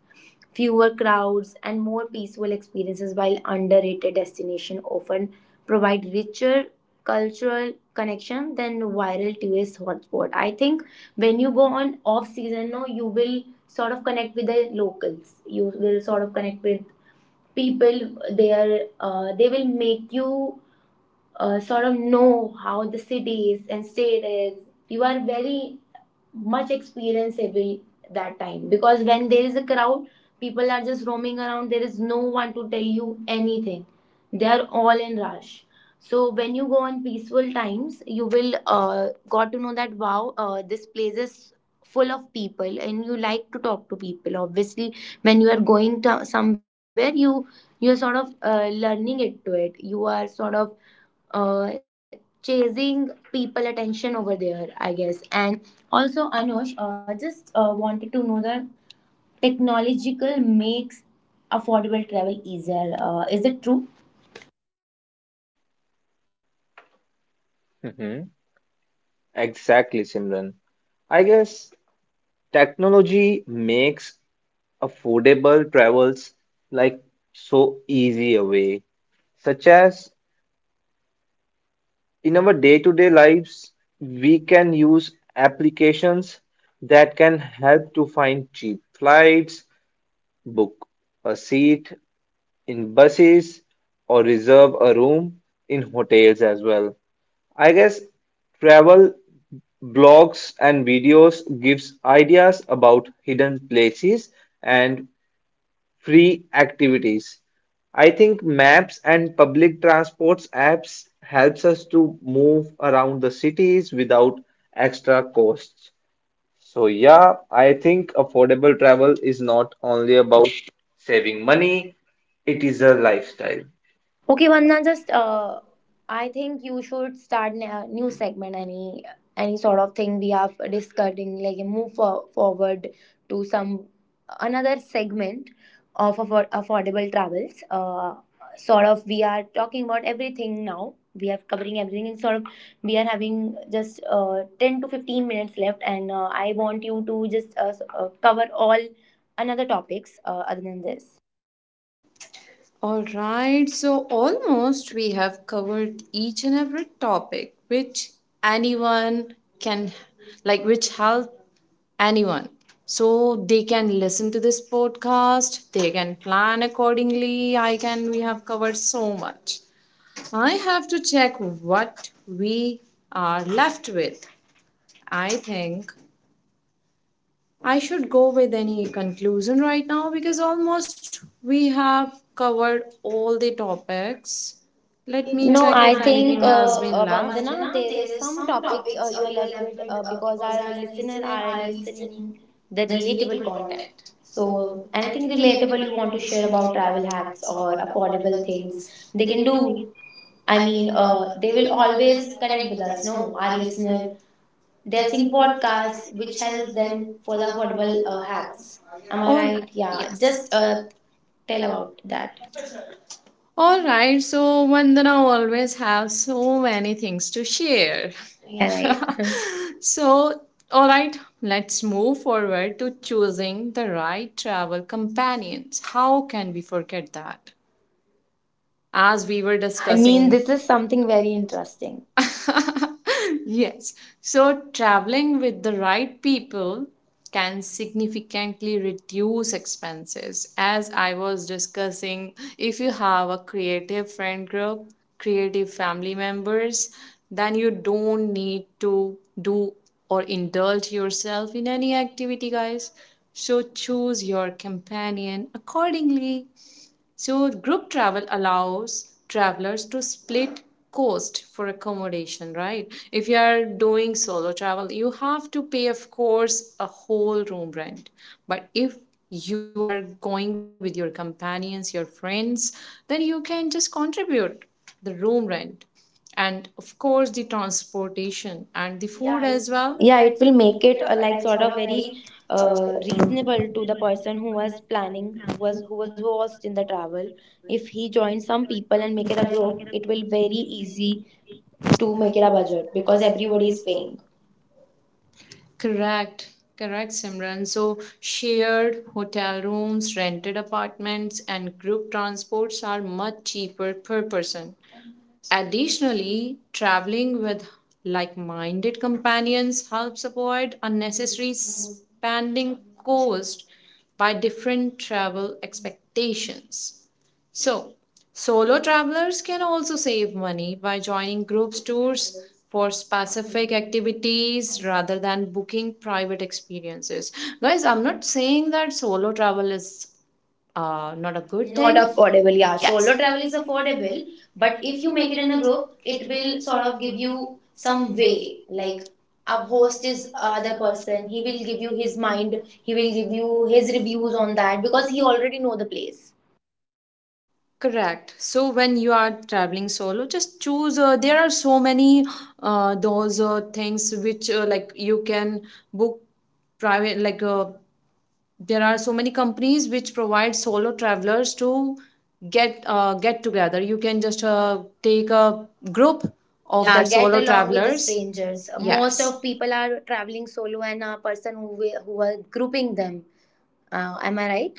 [SPEAKER 2] fewer crowds and more peaceful experiences, while underrated destination often provide richer cultural connection than viral tourist hotspot. I think when you go on off season, no, you will sort of connect with the locals, you will sort of connect with people. They are, they will make you sort of know how the city is and state is. You are very much experienceable that time, because when there is a crowd, people are just roaming around. There is no one to tell you anything. They are all in rush. So when you go on peaceful times, you will got to know that, wow, this place is full of people, and you like to talk to people. Obviously, when you are going to somewhere, you are sort of learning it to it. You are sort of uh, chasing people attention over there, I guess. And also, Anush, just wanted to know that technological makes affordable travel easier, is it true?
[SPEAKER 3] hmm Exactly, Simran. I guess technology makes affordable travels like so easy a way, such as in our day-to-day lives, we can use applications that can help to find cheap flights, book a seat in buses, or reserve a room in hotels as well. I guess travel blogs and videos gives ideas about hidden places and free activities. I think maps and public transports apps helps us to move around the cities without extra costs. So yeah, I think affordable travel is not only about saving money, it is a lifestyle.
[SPEAKER 2] Okay, Vandana, just, I think you should start a new segment. Any sort of thing we are discussing, like move forward to some another segment of affordable travels. Sort of we are talking about everything now. We are covering everything, and sort of we are having just 10 to 15 minutes left. And I want you to just, cover all another topics, other than this.
[SPEAKER 1] All right, so almost we have covered each and every topic which anyone can, like, which help anyone. So they can listen to this podcast, they can plan accordingly. I can, we have covered so much. I have to check what we are left with. I think I should go with any conclusion right now, because almost we have covered all the topics. Let me check
[SPEAKER 2] No,
[SPEAKER 1] If I
[SPEAKER 2] I
[SPEAKER 1] anything think,
[SPEAKER 2] think,
[SPEAKER 1] has been left.
[SPEAKER 2] Vandana,
[SPEAKER 1] Vandana,
[SPEAKER 2] there
[SPEAKER 1] there
[SPEAKER 2] is
[SPEAKER 1] is
[SPEAKER 2] some
[SPEAKER 1] some
[SPEAKER 2] topics
[SPEAKER 1] topics
[SPEAKER 2] you
[SPEAKER 1] you
[SPEAKER 2] are
[SPEAKER 1] will have
[SPEAKER 2] left with,
[SPEAKER 1] read
[SPEAKER 2] because
[SPEAKER 1] because our
[SPEAKER 2] our listener
[SPEAKER 1] listener
[SPEAKER 2] are
[SPEAKER 1] are listening
[SPEAKER 2] listening
[SPEAKER 1] the
[SPEAKER 2] the relatable
[SPEAKER 1] relatable content.
[SPEAKER 2] content.
[SPEAKER 1] So
[SPEAKER 2] So anything
[SPEAKER 1] anything
[SPEAKER 2] relatable
[SPEAKER 1] relatable
[SPEAKER 2] you
[SPEAKER 1] you
[SPEAKER 2] want
[SPEAKER 1] want
[SPEAKER 2] to
[SPEAKER 1] to
[SPEAKER 2] share
[SPEAKER 1] share
[SPEAKER 2] about
[SPEAKER 1] about travel
[SPEAKER 2] travel hacks
[SPEAKER 1] hacks
[SPEAKER 2] or
[SPEAKER 1] or
[SPEAKER 2] affordable
[SPEAKER 1] affordable
[SPEAKER 2] things,
[SPEAKER 1] things,
[SPEAKER 2] they
[SPEAKER 1] they
[SPEAKER 2] can
[SPEAKER 1] can do.
[SPEAKER 2] do. I mean, they
[SPEAKER 1] They
[SPEAKER 2] will
[SPEAKER 1] will
[SPEAKER 2] always
[SPEAKER 1] always
[SPEAKER 2] connect
[SPEAKER 1] connect
[SPEAKER 2] with
[SPEAKER 1] with
[SPEAKER 2] us.
[SPEAKER 1] us.
[SPEAKER 2] No,
[SPEAKER 1] No,
[SPEAKER 2] our
[SPEAKER 1] our listener
[SPEAKER 2] listener, they're
[SPEAKER 1] there's are
[SPEAKER 2] seeing
[SPEAKER 1] simple
[SPEAKER 2] podcasts which
[SPEAKER 1] which helps
[SPEAKER 2] helps
[SPEAKER 1] them
[SPEAKER 2] them for the
[SPEAKER 1] follow
[SPEAKER 2] affordable
[SPEAKER 1] affordable
[SPEAKER 2] hacks.
[SPEAKER 1] hacks.
[SPEAKER 2] Am
[SPEAKER 1] Am I
[SPEAKER 2] I
[SPEAKER 1] All right. right?
[SPEAKER 2] right?
[SPEAKER 1] Yeah,
[SPEAKER 2] Yeah,
[SPEAKER 1] Yes.
[SPEAKER 2] just
[SPEAKER 1] just
[SPEAKER 2] tell
[SPEAKER 1] tell about
[SPEAKER 2] about that.
[SPEAKER 1] that. All right. So Vandana always have so many things to share. Yeah.
[SPEAKER 2] Yeah, right.
[SPEAKER 1] So all right, let's move forward to choosing the right travel companions. How can we forget that? As we were
[SPEAKER 2] I mean,
[SPEAKER 1] discussing
[SPEAKER 2] this
[SPEAKER 1] this
[SPEAKER 2] is
[SPEAKER 1] is something
[SPEAKER 2] something
[SPEAKER 1] very
[SPEAKER 2] very interesting.
[SPEAKER 1] interesting. Yes. So traveling with the right people can significantly reduce expenses, as I was discussing. If you have a creative friend group, creative family members, then you don't need to do or indulge yourself in any activity, guys. So choose your companion accordingly. So, group travel allows travelers to split cost for accommodation, right? If you are doing solo travel, you have to pay, of course, a whole room rent. But if you are going with your companions, your friends, then you can just contribute the room rent and, of course, the transportation and the yeah food yeah, it, as well.
[SPEAKER 2] Yeah,
[SPEAKER 1] Yeah
[SPEAKER 2] it
[SPEAKER 1] it
[SPEAKER 2] will
[SPEAKER 1] will
[SPEAKER 2] make
[SPEAKER 1] make
[SPEAKER 2] it,
[SPEAKER 1] it
[SPEAKER 2] like
[SPEAKER 1] like
[SPEAKER 2] sort
[SPEAKER 1] sort
[SPEAKER 2] of
[SPEAKER 1] of very
[SPEAKER 2] very reasonable
[SPEAKER 1] including
[SPEAKER 2] to the
[SPEAKER 1] Illinois
[SPEAKER 2] person who
[SPEAKER 1] Central
[SPEAKER 2] was
[SPEAKER 1] West County,
[SPEAKER 2] planning,
[SPEAKER 1] West
[SPEAKER 2] who was
[SPEAKER 1] Woodward,
[SPEAKER 2] host in
[SPEAKER 1] and
[SPEAKER 2] the travel.
[SPEAKER 1] Madison.
[SPEAKER 2] If
[SPEAKER 1] If
[SPEAKER 2] he
[SPEAKER 1] he can
[SPEAKER 2] joins some people
[SPEAKER 1] find
[SPEAKER 2] and
[SPEAKER 1] any
[SPEAKER 2] make it a group,
[SPEAKER 1] budget,
[SPEAKER 2] it will
[SPEAKER 1] we will
[SPEAKER 2] very
[SPEAKER 1] need like
[SPEAKER 2] easy
[SPEAKER 1] between twenty to
[SPEAKER 2] to make
[SPEAKER 1] make it
[SPEAKER 2] it
[SPEAKER 1] a
[SPEAKER 2] a
[SPEAKER 1] budget,
[SPEAKER 2] budget, because
[SPEAKER 1] because
[SPEAKER 2] everybody
[SPEAKER 1] everybody
[SPEAKER 2] is
[SPEAKER 1] is paying.
[SPEAKER 2] paying.
[SPEAKER 1] Correct, correct, Simran. So, shared hotel rooms, rented apartments, and group transports are much cheaper per person. Additionally, traveling with like minded companions helps avoid unnecessary spending cost by different travel expectations. So, solo travelers can also save money by joining groups tours for specific activities rather than booking private experiences. Guys, I'm not saying that solo travel is not a good not
[SPEAKER 2] Not
[SPEAKER 1] thing.
[SPEAKER 2] affordable,
[SPEAKER 1] Affordable. Yeah,
[SPEAKER 2] yeah. So,
[SPEAKER 1] yes.
[SPEAKER 2] solo
[SPEAKER 1] Solo
[SPEAKER 2] travel
[SPEAKER 1] travel
[SPEAKER 2] is
[SPEAKER 1] is
[SPEAKER 2] affordable,
[SPEAKER 1] affordable,
[SPEAKER 2] but
[SPEAKER 1] but
[SPEAKER 2] if
[SPEAKER 1] if
[SPEAKER 2] you
[SPEAKER 1] you
[SPEAKER 2] make
[SPEAKER 1] make
[SPEAKER 2] it
[SPEAKER 1] it
[SPEAKER 2] in
[SPEAKER 1] in
[SPEAKER 2] a
[SPEAKER 1] a
[SPEAKER 2] group,
[SPEAKER 1] group,
[SPEAKER 2] it
[SPEAKER 1] it
[SPEAKER 2] will
[SPEAKER 1] will
[SPEAKER 2] sort
[SPEAKER 1] sort
[SPEAKER 2] of
[SPEAKER 1] of
[SPEAKER 2] give
[SPEAKER 1] give you
[SPEAKER 2] you some
[SPEAKER 1] some
[SPEAKER 2] way.
[SPEAKER 1] way.
[SPEAKER 2] Like
[SPEAKER 1] Like
[SPEAKER 2] a
[SPEAKER 1] a
[SPEAKER 2] host
[SPEAKER 1] host
[SPEAKER 2] is
[SPEAKER 1] is
[SPEAKER 2] other
[SPEAKER 1] other
[SPEAKER 2] person,
[SPEAKER 1] person,
[SPEAKER 2] he
[SPEAKER 1] he
[SPEAKER 2] will
[SPEAKER 1] will
[SPEAKER 2] give
[SPEAKER 1] give
[SPEAKER 2] you
[SPEAKER 1] you
[SPEAKER 2] his
[SPEAKER 1] his mind,
[SPEAKER 2] mind,
[SPEAKER 1] he
[SPEAKER 2] he will
[SPEAKER 1] will give
[SPEAKER 2] give you
[SPEAKER 1] you
[SPEAKER 2] his
[SPEAKER 1] his
[SPEAKER 2] reviews
[SPEAKER 1] reviews
[SPEAKER 2] on
[SPEAKER 1] on
[SPEAKER 2] that
[SPEAKER 1] that
[SPEAKER 2] because
[SPEAKER 1] because he
[SPEAKER 2] he
[SPEAKER 1] always.
[SPEAKER 2] already know the place.
[SPEAKER 1] Correct. So when you are traveling solo, just choose. There are so many those things which like you can book private there are so many companies which provide solo travelers to get together. You can just take a group of Yeah, that
[SPEAKER 2] Yeah,
[SPEAKER 1] get solo
[SPEAKER 2] get
[SPEAKER 1] along with
[SPEAKER 2] along with the
[SPEAKER 1] travelers
[SPEAKER 2] strangers.
[SPEAKER 1] strangers. Most
[SPEAKER 2] Most
[SPEAKER 1] yes
[SPEAKER 2] of
[SPEAKER 1] of people.
[SPEAKER 2] people are traveling solo and a person who who are grouping them. Am I right?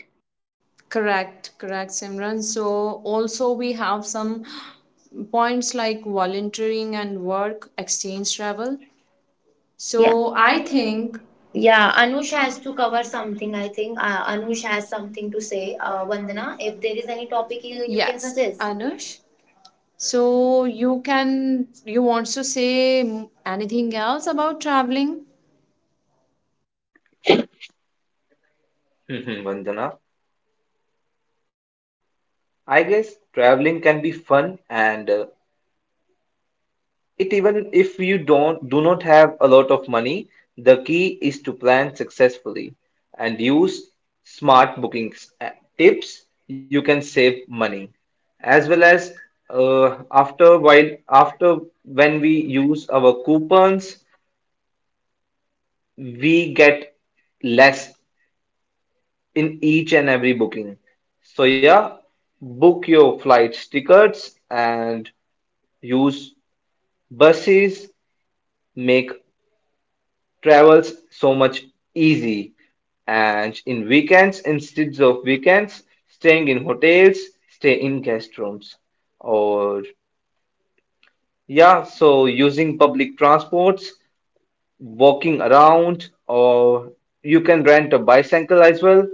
[SPEAKER 1] Correct, correct, Simran. So also we have some points like volunteering and work exchange travel, so
[SPEAKER 2] Yeah.
[SPEAKER 1] I
[SPEAKER 2] Yeah,
[SPEAKER 1] think Yeah,
[SPEAKER 2] Yeah,
[SPEAKER 1] Anush
[SPEAKER 2] Anush
[SPEAKER 1] has
[SPEAKER 2] has
[SPEAKER 1] to
[SPEAKER 2] to
[SPEAKER 1] cover
[SPEAKER 2] cover
[SPEAKER 1] something.
[SPEAKER 2] something.
[SPEAKER 1] I
[SPEAKER 2] I think
[SPEAKER 1] think
[SPEAKER 2] Anush
[SPEAKER 1] Anush has
[SPEAKER 2] has
[SPEAKER 1] something
[SPEAKER 2] something to
[SPEAKER 1] to say.
[SPEAKER 2] say.
[SPEAKER 1] Vandana,
[SPEAKER 2] Vandana,
[SPEAKER 1] if
[SPEAKER 2] if
[SPEAKER 1] there
[SPEAKER 2] there
[SPEAKER 1] is
[SPEAKER 2] is any
[SPEAKER 1] any topic
[SPEAKER 2] topic
[SPEAKER 1] you can
[SPEAKER 2] you, yeah, can
[SPEAKER 1] yes suggest.
[SPEAKER 2] suggest.
[SPEAKER 1] Anush, so you can you want to say anything else about traveling?
[SPEAKER 3] Mhm. Vandana, I guess traveling can be fun and it even if you don't do not have a lot of money, the key is to plan successfully and use smart bookings tips. You can save money as well as after when we use our coupons, we get less in each and every booking. So yeah, book your flight tickets and use buses, make travel's so much easy, and in weekends instead of weekends staying in hotels, stay in guest rooms, or yeah, so using public transports, walking around, or you can rent a bicycle as well.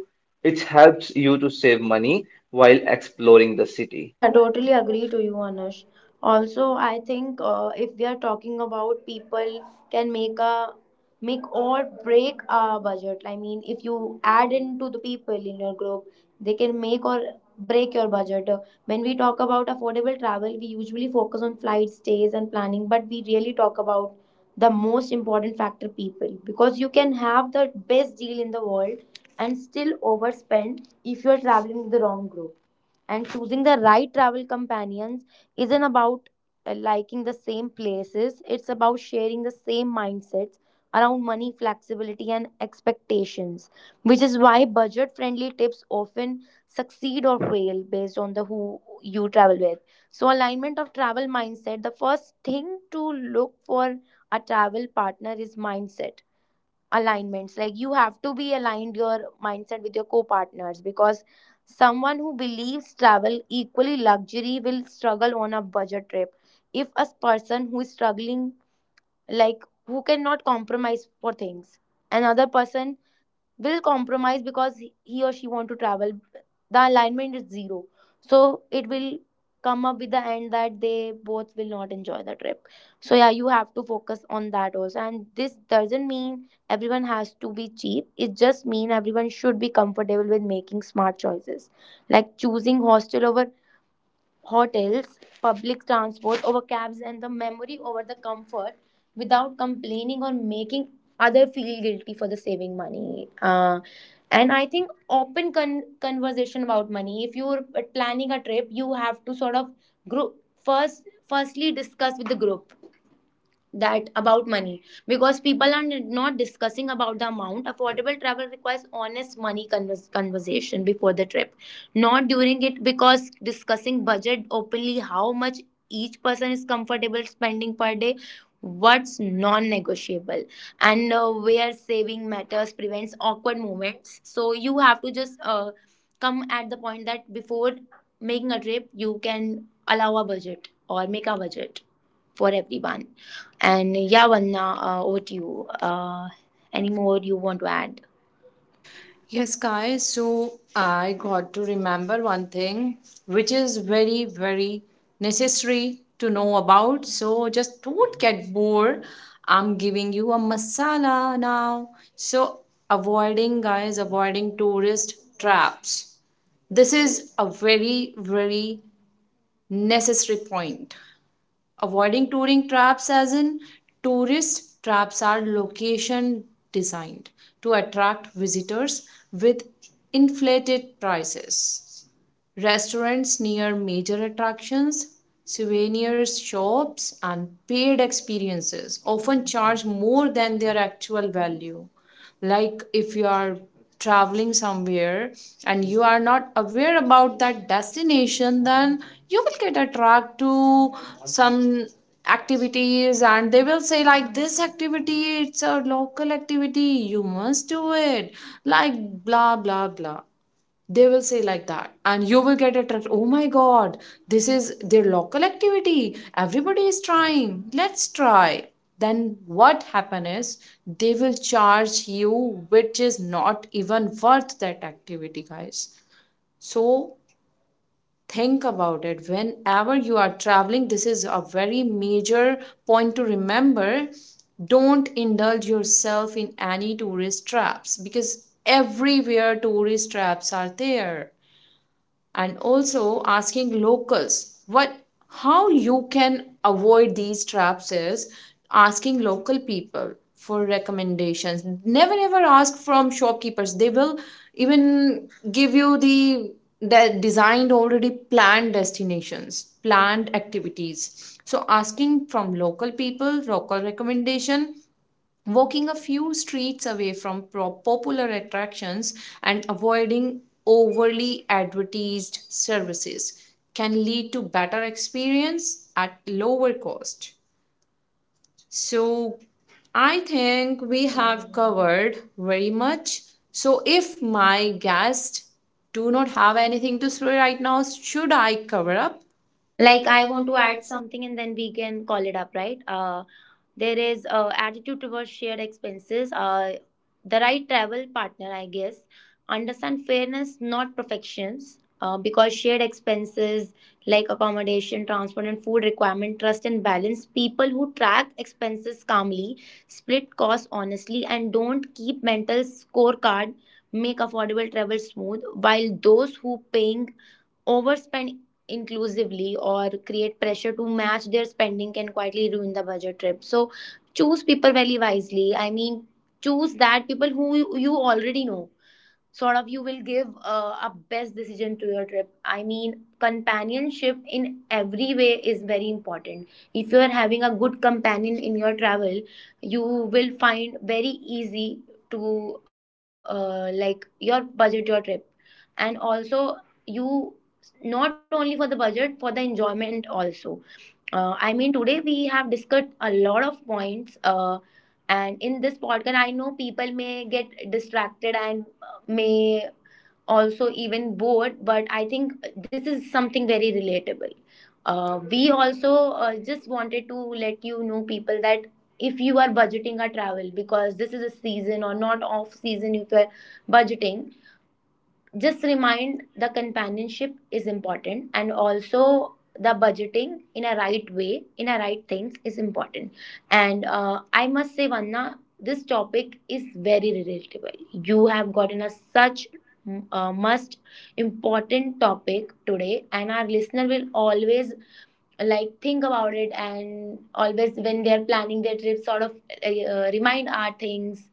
[SPEAKER 3] It helps you to save money while exploring the city.
[SPEAKER 2] Yeah, I totally agree to you, Anush. Also, I think if we are talking about people can make a make or break a budget. I mean, if you add into the people in your group, they can make or break your budget. When we talk about affordable travel, we usually focus on flight stays and planning, but we really talk about the most important factor, people, because you can have the best deal in the world and still overspend if you are traveling with the wrong group, and choosing the right travel companions isn't about liking the same places. It's about sharing the same mindsets around money, flexibility and expectations, which is why budget friendly tips often succeed or fail based on the who you travel with. So alignment of travel mindset, the first thing to look for a travel partner is mindset alignments. Like you have to be aligned your mindset with your co-partners, because someone who believes travel equally luxury will struggle on a budget trip. If a person who is struggling, like who cannot compromise for things, another person will compromise because he or she want to travel, the alignment is zero, so it will come up with the end that they both will not enjoy the trip. So yeah, you have to focus on that also, and this doesn't mean everyone has to be cheap, it just mean everyone should be comfortable with making smart choices, like choosing hostel over hotels, public transport over cabs, and the memory over the comfort, without complaining or making other feel guilty for the saving money. And I think open conversation about money. If you're planning a trip, you have to sort of group first. Firstly, discuss with the group that about money, because people are not discussing about the amount. Affordable travel requires honest money conversation before the trip, not during it, because discussing budget openly, how much each person is comfortable spending per day, what's non-negotiable, and where saving matters prevents awkward moments. So you have to just come at the point that before making a trip you can allow a budget or make a budget for everyone. And yeah, Vanna, over to you. Any more you want to add?
[SPEAKER 1] Yes, guys. So I got to remember one thing, which is very very necessary to know about. So just don't get bored. I'm giving you a masala now. So avoiding, guys, avoiding tourist traps. This is a very very necessary point. Avoiding touring traps, as in tourist traps, are location designed to attract visitors with inflated prices. Restaurants near major attractions, souvenir shops, and paid experiences often charge more than their actual value. Like if you are traveling somewhere and you are not aware about that destination, then you will get attracted to some activities, and they will say like this activity, it's a local activity, you must do it, like blah blah blah. They will say like that and you will get attracted, oh my god, this is their local activity, everybody is trying, let's try. Then what happen is, they will charge you which is not even worth that activity, guys. So think about it whenever you are traveling. This is a very major point to remember. Don't indulge yourself in any tourist traps, because everywhere tourist traps are there. And also asking locals what, how you can avoid these traps is asking local people for recommendations. Never ever ask from shopkeepers, they will even give you the designed already planned destinations, planned activities. So asking from local people, local recommendation, walking a few streets away from popular attractions and avoiding overly advertised services can lead to better experience at lower cost. So I think we have covered very much. So if my guests do not have anything to say right now, should I cover up? Like
[SPEAKER 2] Like
[SPEAKER 1] I
[SPEAKER 2] I
[SPEAKER 1] want
[SPEAKER 2] want to
[SPEAKER 1] to add
[SPEAKER 2] add
[SPEAKER 1] some.
[SPEAKER 2] something and then we can call it up, right? There is attitude towards shared expenses. The right travel partner, I guess, understand fairness, not perfections. Because shared expenses like accommodation, transport, and food requirement, trust and balance. People who track expenses calmly, split costs honestly, and don't keep mental scorecard make affordable travel smooth. While those who paying overspend inclusively or create pressure to match their spending can quietly ruin the budget trip. So choose people very wisely. I mean, choose that people who you already know, sort of you will give a best decision to your trip. I mean, companionship in every way is very important. If you are having a good companion in your travel, you will find very easy to like your budget your trip, and also you, not only for the budget, for the enjoyment also. I mean today we have discussed a lot of points, and in this podcast I know people may get distracted and may also even bored, but I think this is something very relatable. We also just wanted to let you know people that if you are budgeting a travel, because this is a season or not off season, if you're budgeting, just remind the companionship is important, and also the budgeting in a right way in a right things is important. And I must say Vanna, this topic is very relatable. You have gotten a such must important topic today, and our listener will always like think about it, and always when they are planning their trip, sort of remind our things,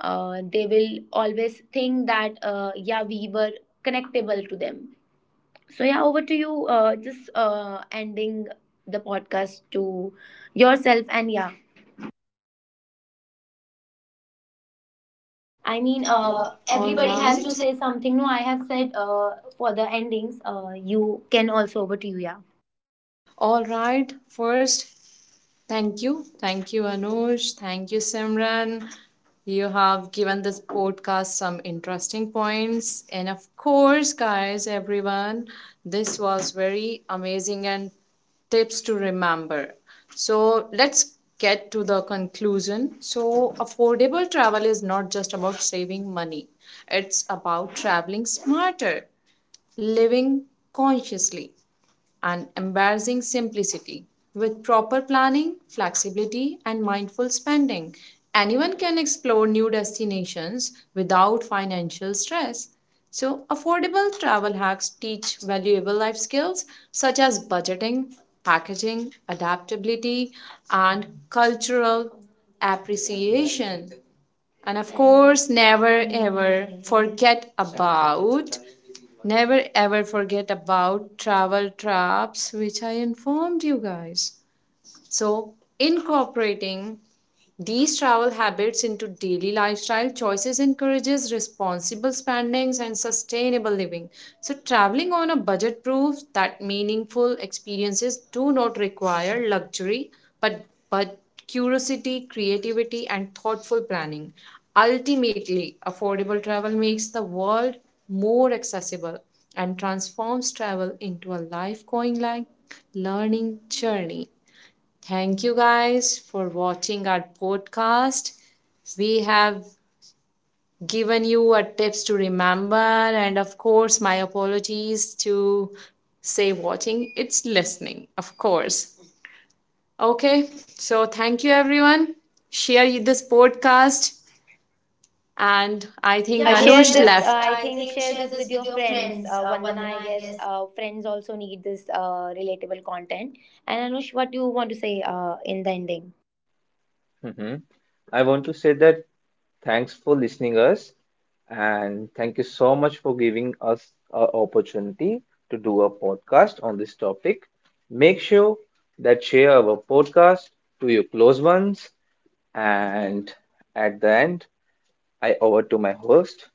[SPEAKER 2] they will always think that yeah, we were connectable to them. So yeah, over to you, just ending the podcast to yourself. And yeah, I
[SPEAKER 1] I mean,
[SPEAKER 2] mean,
[SPEAKER 1] everybody
[SPEAKER 2] everybody has
[SPEAKER 1] has to
[SPEAKER 2] to
[SPEAKER 1] say.
[SPEAKER 2] say something. No, I have said, for the endings, you can also over to you. Yeah,
[SPEAKER 1] All right, first, thank you. Thank you, Anush. Thank you, Simran. You have given this podcast some interesting points. And of course, guys, everyone, this was very amazing and tips to remember. So let's get to the conclusion. So, affordable travel is not just about saving money, it's about traveling smarter, living consciously, and embarrassing simplicity. With proper planning, flexibility, and mindful spending, anyone can explore new destinations without financial stress. So, affordable travel hacks teach valuable life skills such as budgeting, packaging, adaptability, and cultural appreciation. And of course, never ever forget about travel traps, which I informed you guys. So, incorporating these travel habits into daily lifestyle choices encourages responsible spendings and sustainable living. So traveling on a budget proves that meaningful experiences do not require luxury but but curiosity, creativity and thoughtful planning. Ultimately, affordable travel makes the world more accessible and transforms travel into a life going like learning journey. Thank you guys for watching our podcast. We have given you a tips to remember, and of course my apologies to say watching, it's listening of course. Okay, so thank you everyone, share this podcast. And I think
[SPEAKER 2] yeah,
[SPEAKER 1] Yeah, Anush
[SPEAKER 2] share
[SPEAKER 1] share this.
[SPEAKER 2] this,
[SPEAKER 1] Left this,
[SPEAKER 2] I
[SPEAKER 1] I
[SPEAKER 2] think
[SPEAKER 1] think
[SPEAKER 2] share
[SPEAKER 1] share
[SPEAKER 2] this
[SPEAKER 1] this
[SPEAKER 2] with your
[SPEAKER 1] with your
[SPEAKER 2] friends,
[SPEAKER 1] friends.
[SPEAKER 2] Vandana,
[SPEAKER 1] Vandana,
[SPEAKER 2] I
[SPEAKER 1] I
[SPEAKER 2] guess,
[SPEAKER 1] guess.
[SPEAKER 2] friends also need this relatable content. And Anush, what do you want to say in the ending?
[SPEAKER 3] Mhm. I want to say that thanks for listening us, and thank you so much for giving us an opportunity to do a podcast on this topic. Make sure that share our podcast to your close ones, and at the end I over to my host.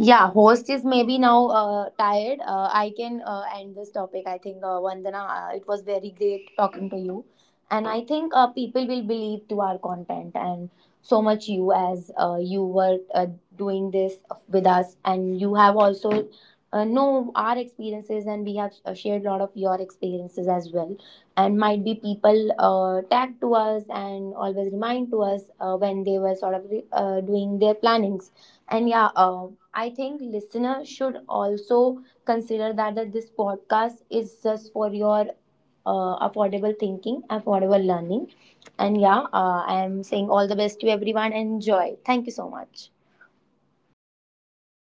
[SPEAKER 2] Yeah, host is maybe now tired. I can end this topic. I think Vandana, it was very great talking to you, and I think people will believe to our content, and so much you as you were doing this with us, and you have also know our experiences, and we have shared a lot of your experiences as well, and might be people tag to us and always remind to us when they were sort of doing their plannings. And yeah, I think listener should also consider that, that this podcast is just for your affordable thinking, affordable learning. And yeah, I am saying all the best to everyone. Enjoy. Thank you so much.